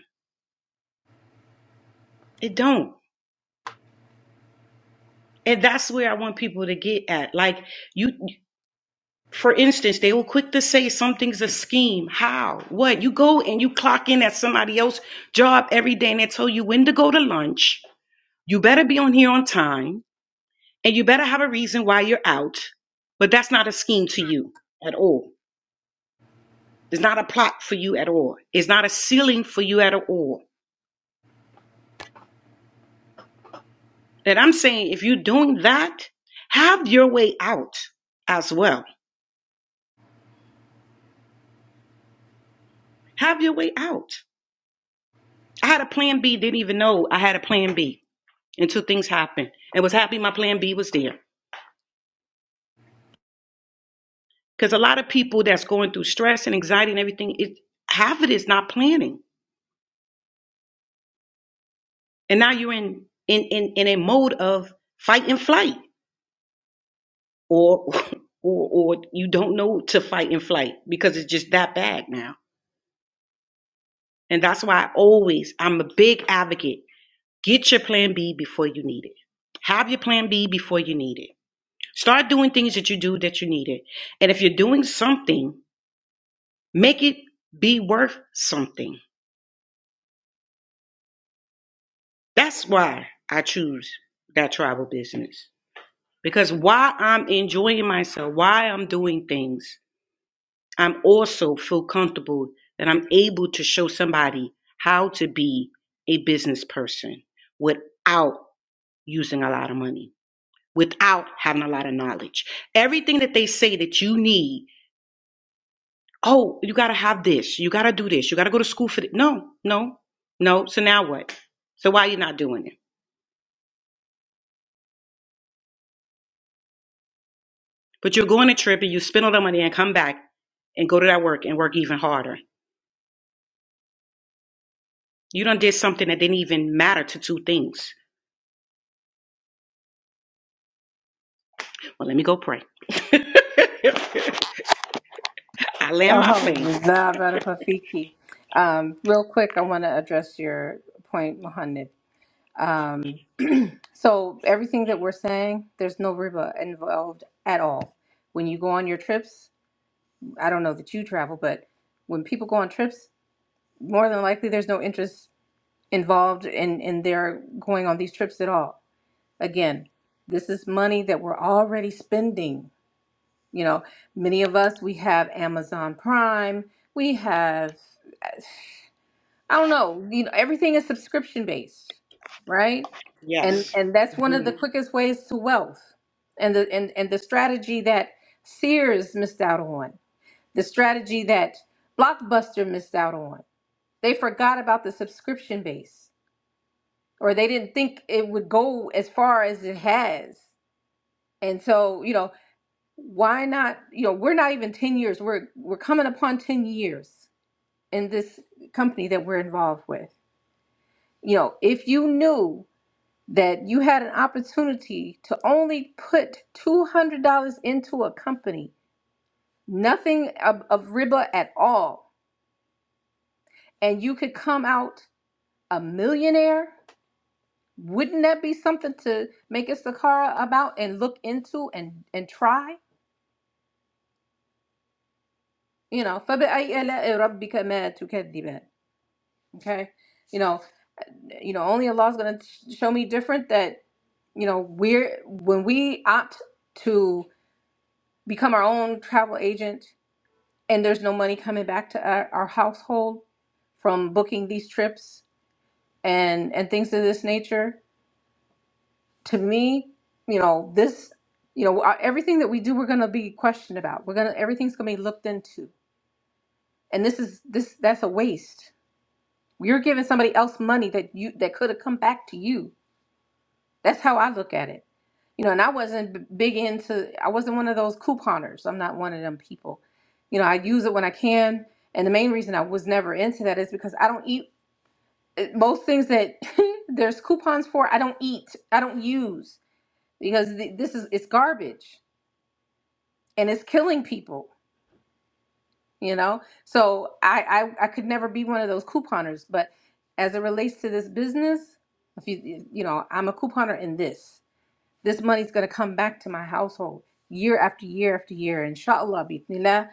Speaker 3: It don't. And that's where I want people to get at. Like you For instance, they were quick to say something's a scheme. How? What? You go and you clock in at somebody else's job every day and they tell you when to go to lunch. You better be on here on time and you better have a reason why you're out. But that's not a scheme to you at all. It's not a plot for you at all. It's not a ceiling for you at all. And I'm saying if you're doing that, have your way out as well. Have your way out. I had a plan B, didn't even know I had a plan B. until things happen. And was happy my plan B was there. Because a lot of people that's going through stress and anxiety and everything, it half of it is not planning. And now you're in in in, in a mode of fight and flight. Or or or you don't know to fight and flight because it's just that bad now. And that's why I always I'm a big advocate. Get your plan B before you need it. Have your plan B before you need it. Start doing things that you do that you need it. And if you're doing something Make it be worth something. That's why I choose that travel business. Because while I'm enjoying myself, while I'm doing things, I'm also feel comfortable that I'm able to show somebody how to be a business person without using a lot of money, without having a lot of knowledge. Everything that they say that you need, oh, you gotta have this, you gotta do this, you gotta go to school for this. No, no, no. So now what? So why are you not doing it? But you go on a trip and you spend all the money and come back and go to that work and work even harder. You done did something that didn't even matter to two things. Well, let me go pray. I land my plane.
Speaker 1: Alhamdulillah, Barakallahu fiki. Um, real quick, I want to address your point, Muhammad. So everything that we're saying, there's no riba involved at all. When you go on your trips, I don't know that you travel, but when people go on trips, more than likely there's no interest involved in in their going on these trips at all. Again, this is money that we're already spending. You know, many of us we have Amazon Prime, we have I don't know. You know, everything is subscription based, right? And
Speaker 3: Yes.
Speaker 1: and that's one of
Speaker 3: Mhm.
Speaker 1: the quickest ways to wealth. And the and, and the strategy that Sears missed out on, the strategy that Blockbuster missed out on. They forgot about the subscription base, or they didn't think it would go as far as it has. And so, you know, why not? You know, we're not even ten years. We're we're coming upon ten years in this company that we're involved with you know, if you knew that you had an opportunity to only put $200 into a company, nothing of, of riba at all, and you could come out a millionaire? Wouldn't that be something to make Istakara about and look into and, and try? You know, فَبِأَيِّ آلَاءِ رَبِّكَ مَا تُكَذِّبَانِ? Okay. You know, you know, only Allah's gonna show me different that, you know, we're when we opt to become our own travel agent and there's no money coming back to our, our household from booking these trips and and things of this nature to me you know this you know our- everything that we do we're going to be questioned about we're going to everything's going to be looked into and this is this that's a waste you're giving somebody else money that you that could have come back to you that's how i look at it you know and i wasn't b- big into i wasn't one of those couponers i'm not one of them people you know i use it when i can and the main reason I was never into that is because I don't eat. it- most things that there's coupons for i don't eat i don't use because th- this is it's garbage and it's killing people you know so I, I i could never be one of those couponers but as it relates to this business if you you know i'm a couponer in this this money's going to come back to my household year after year after year inshallah bismillah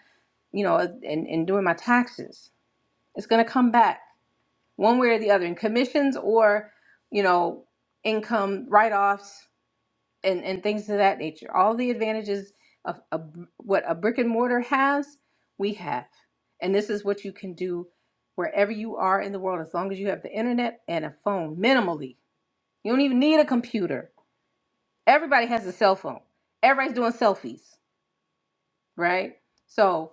Speaker 1: you know and and doing my taxes it's going to come back one way or the other in commissions or you know income write-offs and and things of that nature all the advantages of a, br- what a brick and mortar has we have and this is what you can do wherever you are in the world as long as you have the internet and a phone minimally you don't even need a computer everybody has a cell phone everybody's doing selfies right so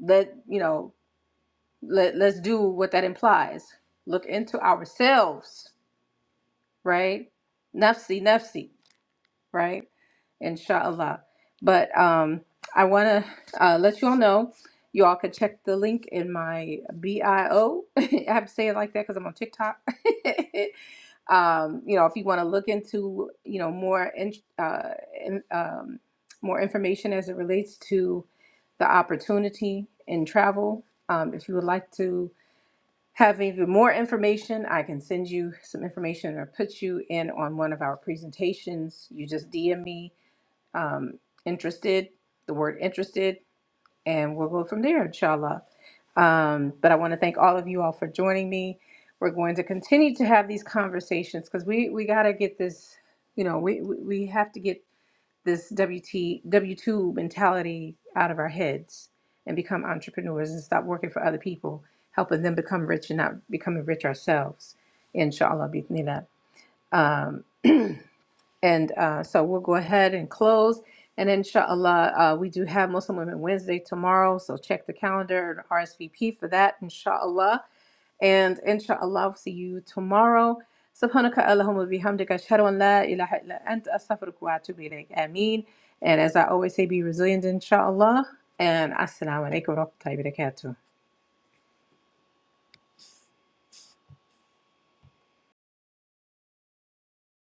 Speaker 1: let you know let, let's do what that implies look into ourselves right? Nafsi, nafsi, right? Inshallah. But um, I want to uh, let you all know. You all could check the link in my bio. I have to say it like that because I'm on TikTok. um, you know, if you want to look into, you know, more in, uh, in, um, more information as it relates to the opportunity in travel, um, if you would like to have even more information, I can send you some information or put you in on one of our presentations. You just DM me, um, interested, the word interested, and we'll go from there, inshallah. Um, but I want to thank all of you all for joining me. We're going to continue to have these conversations because we, we got to get this, you know, we, we we have to get this WT W2 mentality out of our heads and become entrepreneurs and stop working for other people, helping them become rich and not becoming rich ourselves. Inshallah, bismillah. Um, and uh, so we'll go ahead and close. And inshallah, uh, we do have Muslim Women Wednesday tomorrow. So check the calendar and RSVP for that, inshallah. And inshallah, I'll see you tomorrow. Subhanaka Allahumma bihamdika ashhadu an la ilaha illa anta astaghfiruka wa atubu ilayk. Ameen. And as I always say, be resilient inshallah. And assalamu alaikum wa rahmatullahi wa barakatuh.